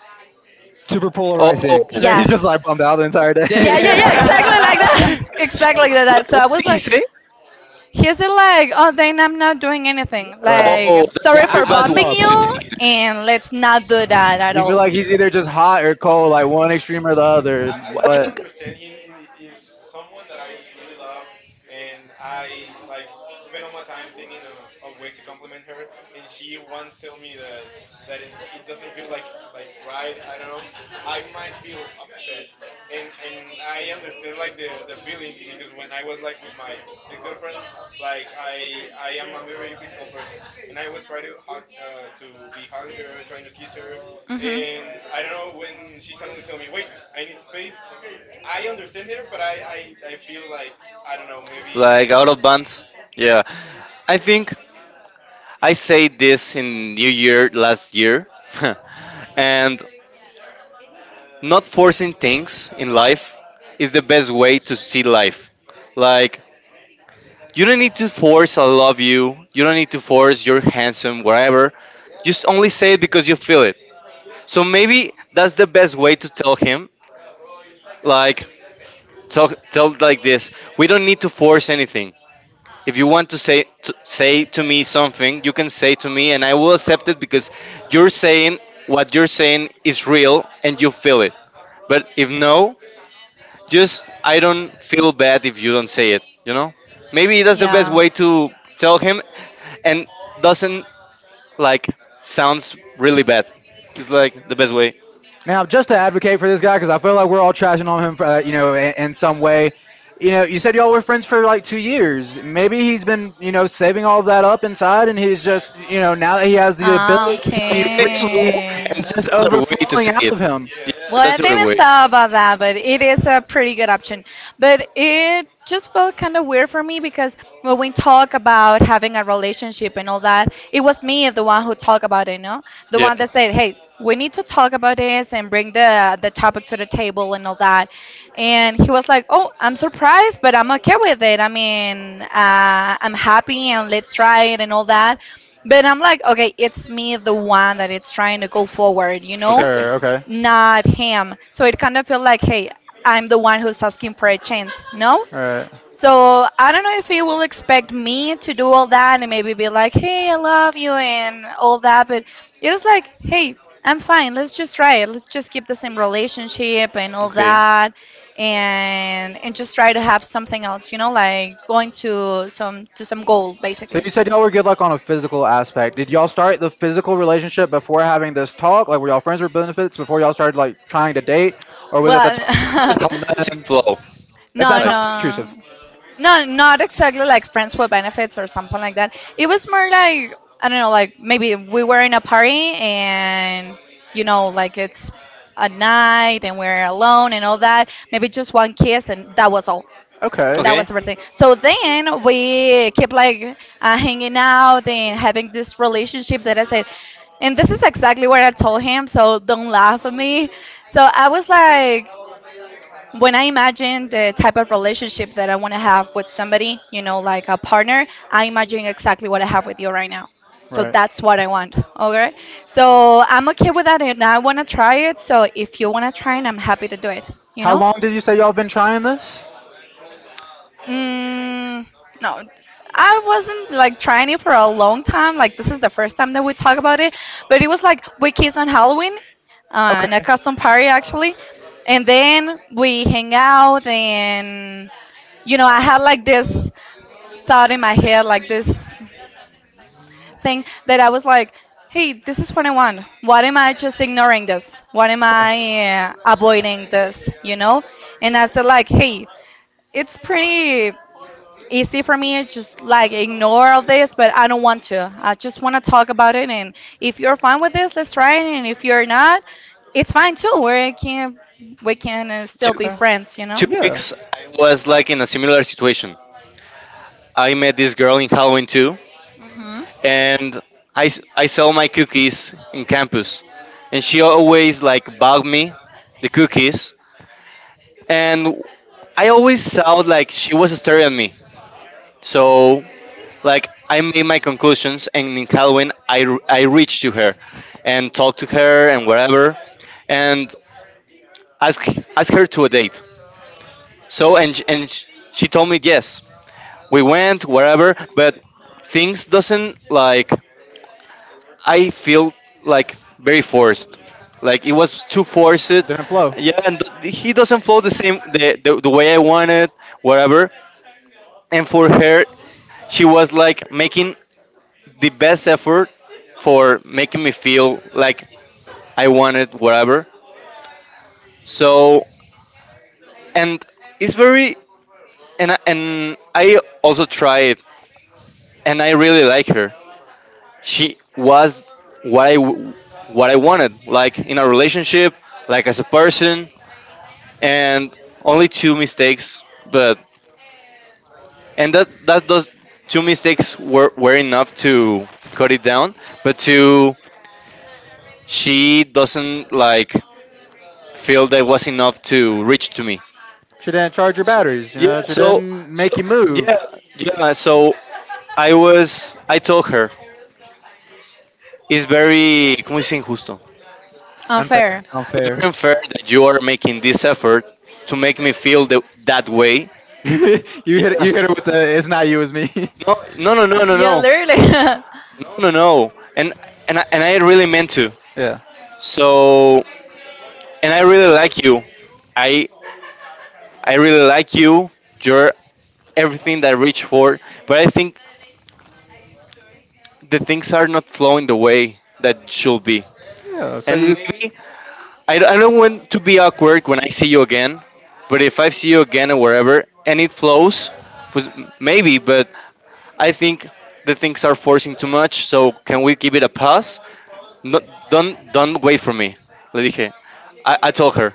Super
Oh.
polarized ink.
And then he's
Yes.
just like bummed out the entire
Yeah, yeah,
Yeah,
yeah, exactly like
day.
that.
yeah,
So
Exactly like that. So
what
I
did
was
he
like,
say?
he's like, oh, then I'm not doing anything.
Right.
Oh,
Like,
that's a
yeah.
sorry
Yeah
very
for
I, I'll
bad way
bombing
stop.
to
you,
take it.
and let's not do that at
You feel
all.
like he's either just hot or cold, like one extreme or the other.
I
I
might
But
think,
understand him if someone that I really love and I like spend all my time thinking of way to compliment her and she once tell me that it, it doesn't feel like right, I don't know. I might feel upset, and I understand like the feeling because when I was like with my ex-girlfriend, like I am a very physical person, and I was trying to hug to be hugging her, trying to kiss her,
Hmm.
and I don't know, when she suddenly tell me, wait, I need space. I understand her, but I feel like, I don't know, maybe.
like, out of bounds. Yeah, I think I said this in New Year last year, and not forcing things in life is the best way to see life. Like, you don't need to force I love you. You don't need to force you're handsome, whatever. Just only say it because you feel it. So maybe that's the best way to tell him. Like, tell like this. We don't need to force anything. If you want to say to, say to me something, you can say to me, and I will accept it because you're saying— what you're saying is real, and you feel it. But if no, just I don't feel bad if you don't say it, you know? Maybe that's the best way to tell him and doesn't, like, sounds really bad. It's like the best way.
now, just to advocate for this guy, because I feel like we're all trashing on him, for, you know, in some way. You know, you said y'all were friends for like 2 years. Maybe he's been, you know, saving all of that up inside, and he's just, you know, now that he has the
Ah,
ability to tell you
Hey, so,
freely,
okay.
and
it's
that's
just
the other way to
overflowing
say
out
it.
of him.
Yeah,
Yeah,
Well,
that's
I
the other
didn't
way.
thought about
Yeah.
that, but it is a pretty good option. But it just felt kind of weird for me because when we talk about having a relationship and all that, it was me the one who talked about it, no? The
Yeah.
one that said, "Hey, we need to talk about this and bring the topic to the table and all that." And he was like, "Oh, I'm surprised, but I'm okay with it. I mean, I'm happy and let's try it and all that." But I'm like, okay, it's me, the one that it's trying to go forward, you know?
Okay.
Sure. Okay.
Not him. So it kind of felt like, hey, I'm the one who's asking for a chance, no?
All right.
So I don't know if he will expect me to do all that and maybe be like, hey, I love you and all that, but it was like, hey, I'm fine. Let's just try it. Let's just keep the same relationship and all
Okay.
that, and just try to have something else, you know, like going to some goal
So
basically.
you said y'all were good like on a physical aspect. Did y'all start the physical relationship before having this talk? Like were y'all friends with benefits before y'all started like trying to date? Or was it the
Well,
talk first
How
and
does it
then,
flow?
if
no,
that's not
Like,
too intrusive?
no. No, not exactly like friends with benefits or something like that. It was more like I don't know, like maybe we were in a party and you know, like it's a night and we're alone and all that. Maybe just one kiss and that was all.
Okay.
That
okay.
was everything. So then we kept like hanging out and having this relationship that I said, and this is exactly what I told him. So don't laugh at me. So I was like, when I imagine the type of relationship that I want to have with somebody, you know, like a partner, I imagine exactly what I have with you right now. So
Right.
that's what I want. Okay. So I'm okay with that and I want to try it. So if you want to try it, I'm happy to do it, you
How
know?
long did you say y'all been trying this?
Mm, no, I wasn't like trying it for a long time. Like this is the first time that we talk about it, but it was like we kissed on Halloween, in a custom party actually, and then we hang out and you know I had like this thought in my head, like this thing that I was like, hey, this is what I want. What am I just ignoring this? What am I avoiding this? You know? And I said like, hey, it's pretty easy for me just like ignore all this, but I don't want to, I just want to talk about it, and if you're fine with this, let's try it, and if you're not, it's fine too, we can still
Two
be
Okay.
friends, you know.
two
Yeah.
weeks I was like in a similar situation. I met this girl in Halloween too,
Hmm.
and I sell my cookies in campus, and she always like bought me the cookies, and I always saw like she was staring at me. So like I made my conclusions, and in Halloween I reached to her, and talked to her and whatever, and ask ask her to a date. So, she told me yes. We went wherever, but things doesn't like— I feel like very forced. Like, it was too forced.
Didn't flow.
Yeah, and he doesn't flow the same the way I wanted, whatever. And for her, she was like making the best effort for making me feel like I wanted, whatever. So, and it's very— and I also tried, and I really like her. She was what I w- what I wanted, like in a relationship, like as a person, and only two mistakes, but and that those two mistakes were enough to cut it down, but to— she doesn't, like, feel that was enough to reach to me.
She didn't charge your batteries,
Yeah. So
didn't
so
make you move.
yeah yeah. So I— was I told her, it's very ¿cómo se dice injusto?
Unfair.
Unfair.
It's
Unfair.
very unfair that you are making this effort to make me feel the, that way.
You hit, you hit it with the it's not you, it's me.
No no no no no
Yeah,
no
literally.
no no. And and I really meant to.
Yeah.
So, and I really like you. I I really like you. You're everything that I reach for. But I think the things are not flowing the way that should be.
Yeah.
And maybe— I don't want to be awkward when I see you again, but if I see you again or wherever and it flows, was— maybe. But I think the things are forcing too much. So can we give it a pass? No, don't wait for me. Le dije. I told her.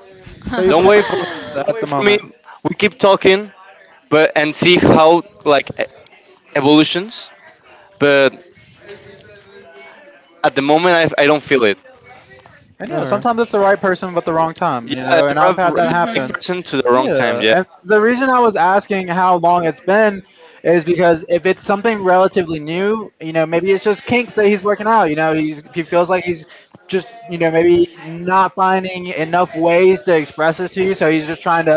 So you
Don't
broke
wait
up with
for—
her at the
for me.
moment.
We keep talking, but— and see how like evolutions. But at the moment, I don't feel it.
And yeah, sometimes it's
Okay.
the right person but the wrong time,
Yeah,
you know,
it's
and
the
I've had
right—
that
it's the right
Mhm.
happen.
person to the wrong time,
Yeah.
yeah.
And the reason I was asking how long it's been is because if it's something relatively new, you know, maybe it's just kinks that he's working out, you know, he's, he feels like he's just, you know, maybe not finding enough ways to express this to you, so he's just trying to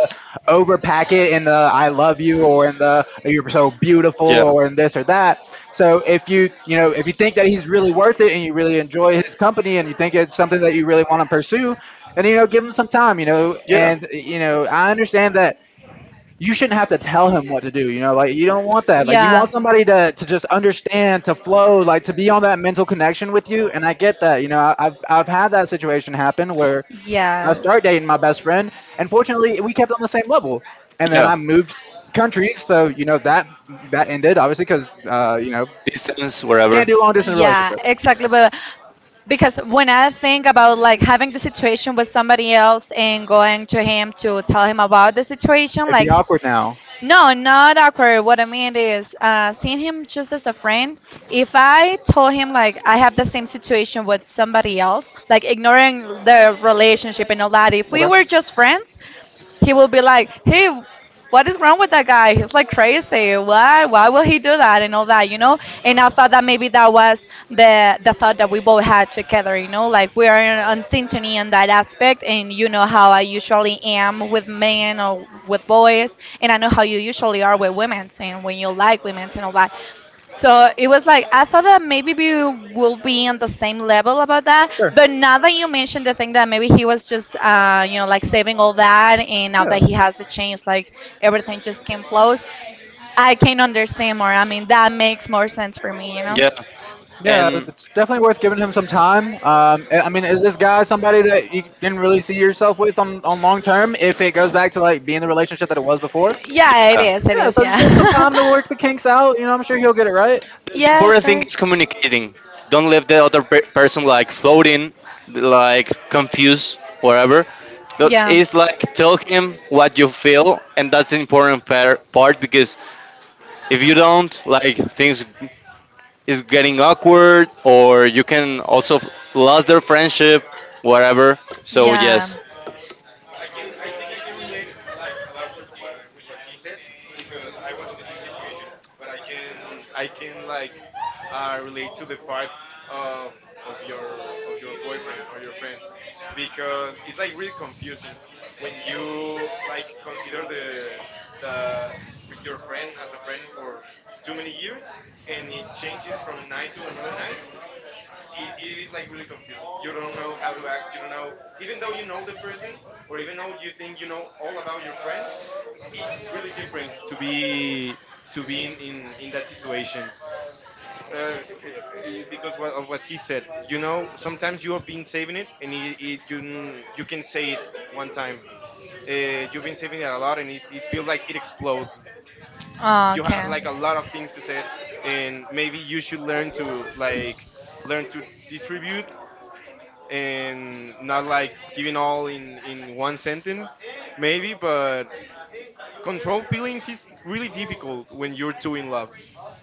overpack it in the I love you or in the you're so beautiful
Yeah.
or in this or that. So if you, you know, if you think that he's really worth it and you really enjoy his company and you think it's something that you really want to pursue, and you know, give him some time, you know,
Yeah.
and you know I understand that you shouldn't have to tell him what to do. You know, like you don't want that. Like you want
Yeah.
somebody to just understand, to flow, like to be on that mental connection with you. And I get that. You know, I, I've had that situation happen where I
Yes.
started dating my best friend, and fortunately, we kept on the same level. And then
Yeah.
I moved countries, so you know that that ended obviously because you know,
Distance, wherever.
can't do long distance
Yeah,
relationships.
exactly. But because when I think about like having the situation with somebody else and going to him to tell him about the situation,
It'd be
like
awkward now.
no, not awkward. What I mean is, seeing him just as a friend, if I told him, like, I have the same situation with somebody else, like, ignoring the relationship and all that, if we
Okay.
were just friends, he will be like, hey, what is wrong with that guy? He's like crazy. Why? Why will he do that and all that? You know. And I thought that maybe that was the thought that we both had together. You know, like we are on synchrony on that aspect. And you know how I usually am with men or with boys, and I know how you usually are with women and when you like women and all that. So it was like I thought that maybe we will be on the same level about that,
Sure.
but now that you mentioned the thing that maybe he was just you know like saving all that, and now that
Yeah.
he has the chance, like everything just came close. I can understand more. I mean, that makes more sense for me, you know.
Yeah.
Yeah,
And
it's definitely worth giving him some time. I mean, is this guy somebody that you didn't really see yourself with on long term if it goes back to like being the relationship that it was before?
Yeah, it
yeah.
is. It
Yeah,
is.
so just
Yeah.
give him some time to work the kinks out. You know, I'm sure he'll get it right.
The
Yeah, of
important thing
course.
is communicating. Don't leave the other person like floating, like confused, whatever. That
Yeah.
is, like, tell him what you feel, and that's the important part because if you don't, like, things is getting awkward, or you can also lose their friendship, whatever. So
Yeah.
yes.
I with what he said because I was in the same situation, but I can like relate to the part of your boyfriend or your friend because it's like really confusing when you like consider the with your friend as a friend for too many years and it changes from night to another night. It is like really confusing. You don't know how to act. You don't know, even though you know the person, or even though you think you know all about your friend, it's really different to be in in that situation. uh, because what- of what he said. You know, sometimes you have been saving it, and you you can say it one time. You've been saving it a lot, and it feels like it explodes.
Oh,
You have like
okay.
a lot of things to say, and maybe you should learn to learn to distribute and not like giving all in one sentence, maybe. But control feelings is really difficult when you're too in love.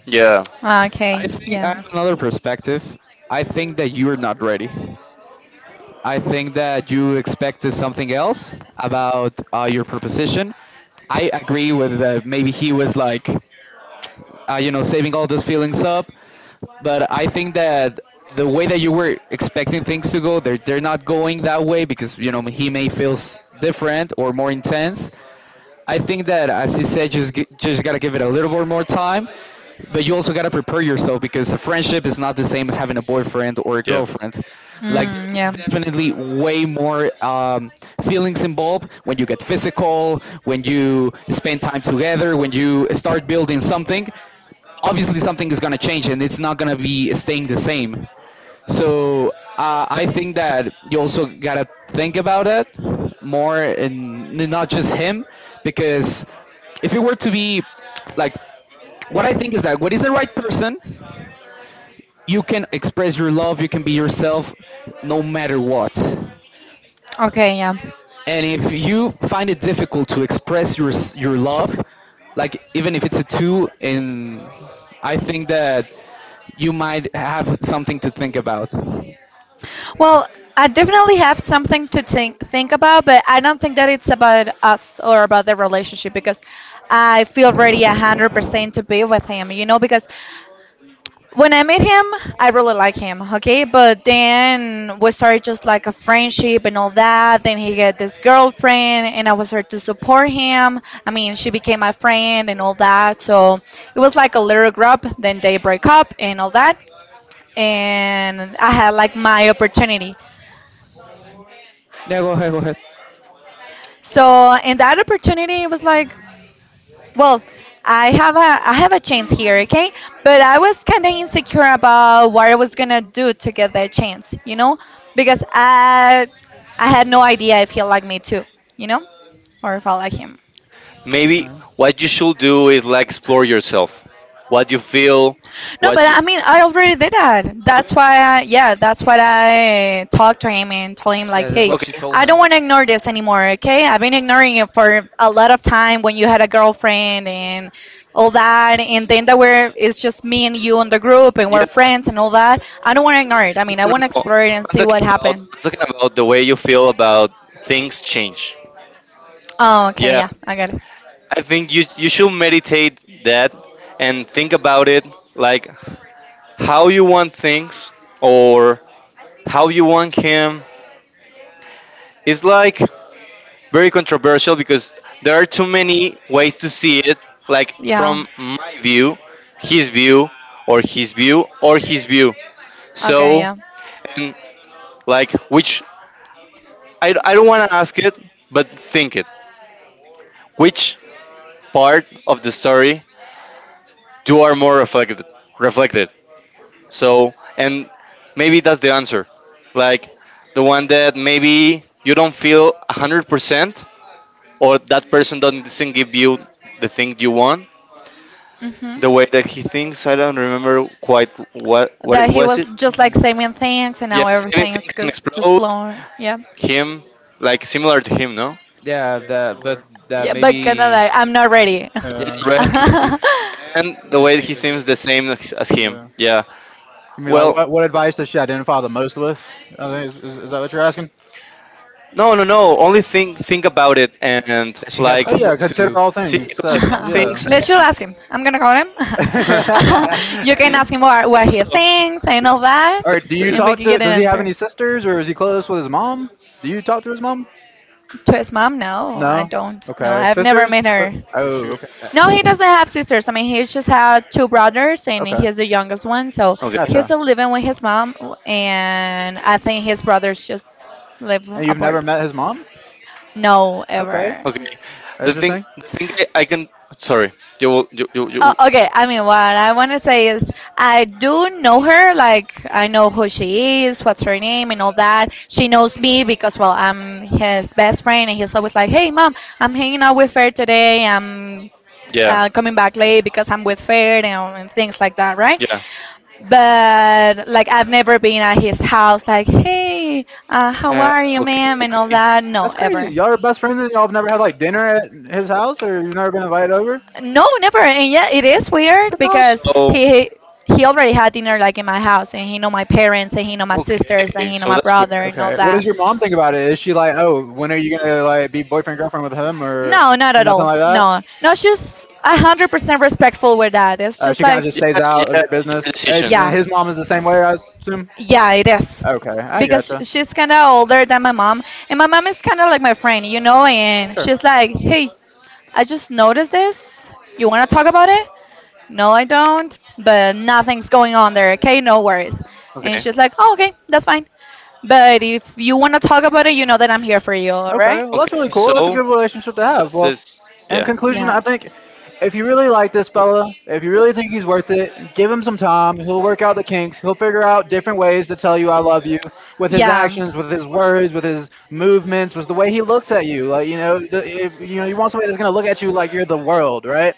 Yeah,
I
Okay,
think I have
yeah.
another perspective. I think that you're not ready. I think that you expected something else about your proposition. I agree with that. Maybe he was like you know, saving all those feelings up. But I think that the way that you were expecting things to go, they're not going that way because you know he may feel different or more intense. I think that, as you said, just just gotta give it a little bit more time, but you also gotta prepare yourself because a friendship is not the same as having a boyfriend or a
yeah.
girlfriend. Like,
Mm,
it's definitely way more feelings involved when you get physical, when
yeah.
you spend time together, when you start building something. Obviously, something is gonna change, and it's not gonna be staying the same. So I think that you also gotta think about it more, and not just him, because if it were to be like, what I think is that what is the right person, you can express your love, you can be yourself, no matter what.
Okay, yeah.
And if you find it difficult to express your your love, like even if it's a two, and I think that you might have something to think about.
Well, I definitely have something to think about, but I don't think that it's about us or about the relationship because I feel ready 100% to be with him. You know, because when I met him, I really like him. Okay, but then we started just like a friendship and all that. Then he got this girlfriend, and I was there to support him. I mean, she became my friend and all that. So it was like a little group. Then they break up and all that, and I had like my opportunity.
Yeah, go ahead, go ahead.
So in that opportunity, it was like, well, I have a chance here, okay? But I was kind of insecure about what I was gonna do to get that chance, you know, because I had no idea if he liked me too, you know, or if I like him.
Okay.
Maybe what you should do is like explore yourself. What you feel,
No, but
what you,
I mean, I already did that. That's why, yeah, that's what I talked to him and told him, like,
Yeah, that's
hey,
what she
okay.
told
I
him.
don't want to ignore this anymore, okay? I've been ignoring it for a lot of time when you had a girlfriend and all that. And then that it's just me and you on the group and we're
Yeah,
friends and all that. I don't want to ignore it. I mean, I
no,
want to
no, no.
explore it and see what happened.
I'm talking about the way you feel about things change.
Oh, okay,
Yeah,
yeah, I got it.
I think you should meditate that and think about it, like, how you want things or how you want him. It's like very controversial because there are too many ways to see it, like
Yeah.
from my view, his view, or his view, or his view.
Okay,
So,
yeah.
and, like, which— I don't want to ask it, but think it. Which part of the story do are more reflected? Reflected. So, and maybe that's the answer. Like, the one that maybe you don't feel 100%, or that person doesn't give you the thing you want
Hmm.
the way that he thinks. I don't remember quite what it
That he
was.
was
It—
just like
Yeah.
saying thanks, and
yes,
now
Sammy
everything is
thinks and
just
explode
flowing. Yeah,
him, like, similar to him, no?
Yeah,
Yes,
that but
similar.
that
yeah. But
maybe
Canada, I'm not ready.
yeah,
Uh,
you're not
Ready,
ready.
and
Me
the
the
way
same
he
with him.
seems the same as him.
yeah.
Yeah.
You mean like
Well,
what? What advice does she identify the most with? I think is, is that what you're asking?
no, no, no. Only think about it and
That she has
like
Oh
homework
yeah,
to
consider
do.
all
see,
things
consider
said.
all
Yeah.
Uh-huh.
things
Let's you
and,
ask him. I'm gonna call him.
Things and
You can
and
ask
and
him what he
also
thinks and all that,
all right. Do you
uh,
and we
talk
can
to?
get an
Does he have
answer.
any sisters, or is he close with his mom? Do you talk to his mom?
To his mom, no, I
No.
don't. No,
Okay.
I've never
Sisters?
met
But-
her.
You
Oh.
should.
Okay.
No, he doesn't have sisters. I mean, he just had two brothers, and
Okay.
he's the youngest one. So
okay,
he's
Gotcha.
still living with his mom, and I think his brothers just live
And you've never
apart.
met his mom?
No,
Okay,
ever.
okay,
that's
the thing,
interesting.
the thing I can— sorry, you will— you, you,
Oh,
you
okay. I mean, what I want to say is, I do know her. Like, I know who she is, what's her name, and all that. She knows me because, well, I'm his best friend, and he's always like, "Hey, mom, I'm hanging out with her today. I'm
Yeah.
coming back late because I'm with Fair and things like that," right?
Yeah.
But like I've never been at his house, like, hey, how are you,
Okay,
ma'am, and all
okay.
that. No,
That's crazy.
ever.
Y'all are best friends and y'all have never had like dinner at his house or you've never been invited over?
No, never. And yeah, it is weird
That's odd.
because
So
he already had dinner like in my house, and he know my parents, and he know my sisters, and
okay.
he know
So
my
that's weird.
brother, and all
Okay, what
that.
does your mom think about it? Is she like, oh, when are you gonna like be boyfriend girlfriend with him or
No, not at
nothing
all.
like that?
No, no, she's 100% respectful with that. It's just
She kind
Yeah.
of
like,
just stays out
Yeah.
of your
Your
business.
decision.
yeah.
And his mom is the same way, I assume.
Yeah, it is.
Okay, I
Because
gotcha.
she's kind of older than my mom. And my mom is kind of like my friend, you know? And
Sure.
she's like, hey, I just noticed this. You want to talk about it? No, I don't. But nothing's going on there, okay? No worries. And
Okay.
she's like, oh, okay, that's fine. But if you want to talk about it, you know that I'm here for you, all right?
Okay, well
Okay.
that's really cool. That's a
So
good relationship to have.
that's
Well,
this.
in
Yeah.
conclusion, I
Yes.
think if you really like this fella, if you really think he's worth it, give him some time. He'll work out the kinks. He'll figure out different ways to tell you I love you with his
Yeah.
actions, with his words, with his movements, with the way he looks at you. Like you know, the, if, you know, you want somebody that's gonna look at you like you're the world, right?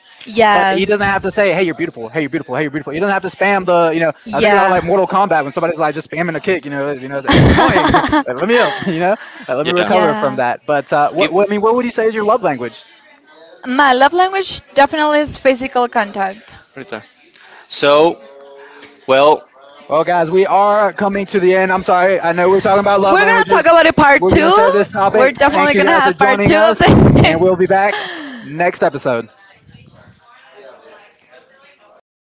But he
Yes.
doesn't have to say, "Hey, you're beautiful. Hey, you're beautiful. Hey, you're beautiful." He doesn't have to spam the, you know. I think about it like
Yeah.
Mortal Kombat when somebody's like just spamming a kick. You know, it's annoying. Like, let me up. You know, let me
Yeah.
recover from
Yeah.
that. But
Give.
what, I mean, what would you say is your love language?
My love language definitely is physical contact.
Rita. So well.
Well, guys, we are coming to the end. I'm sorry. I know we're talking about love
We're gonna talk
languages.
about it part
We're gonna
two.
save this
We're
topic.
Part
Thank
definitely
you
gonna
two.
guys for
have part
joining
two of
us,
this.
and we'll be back next episode.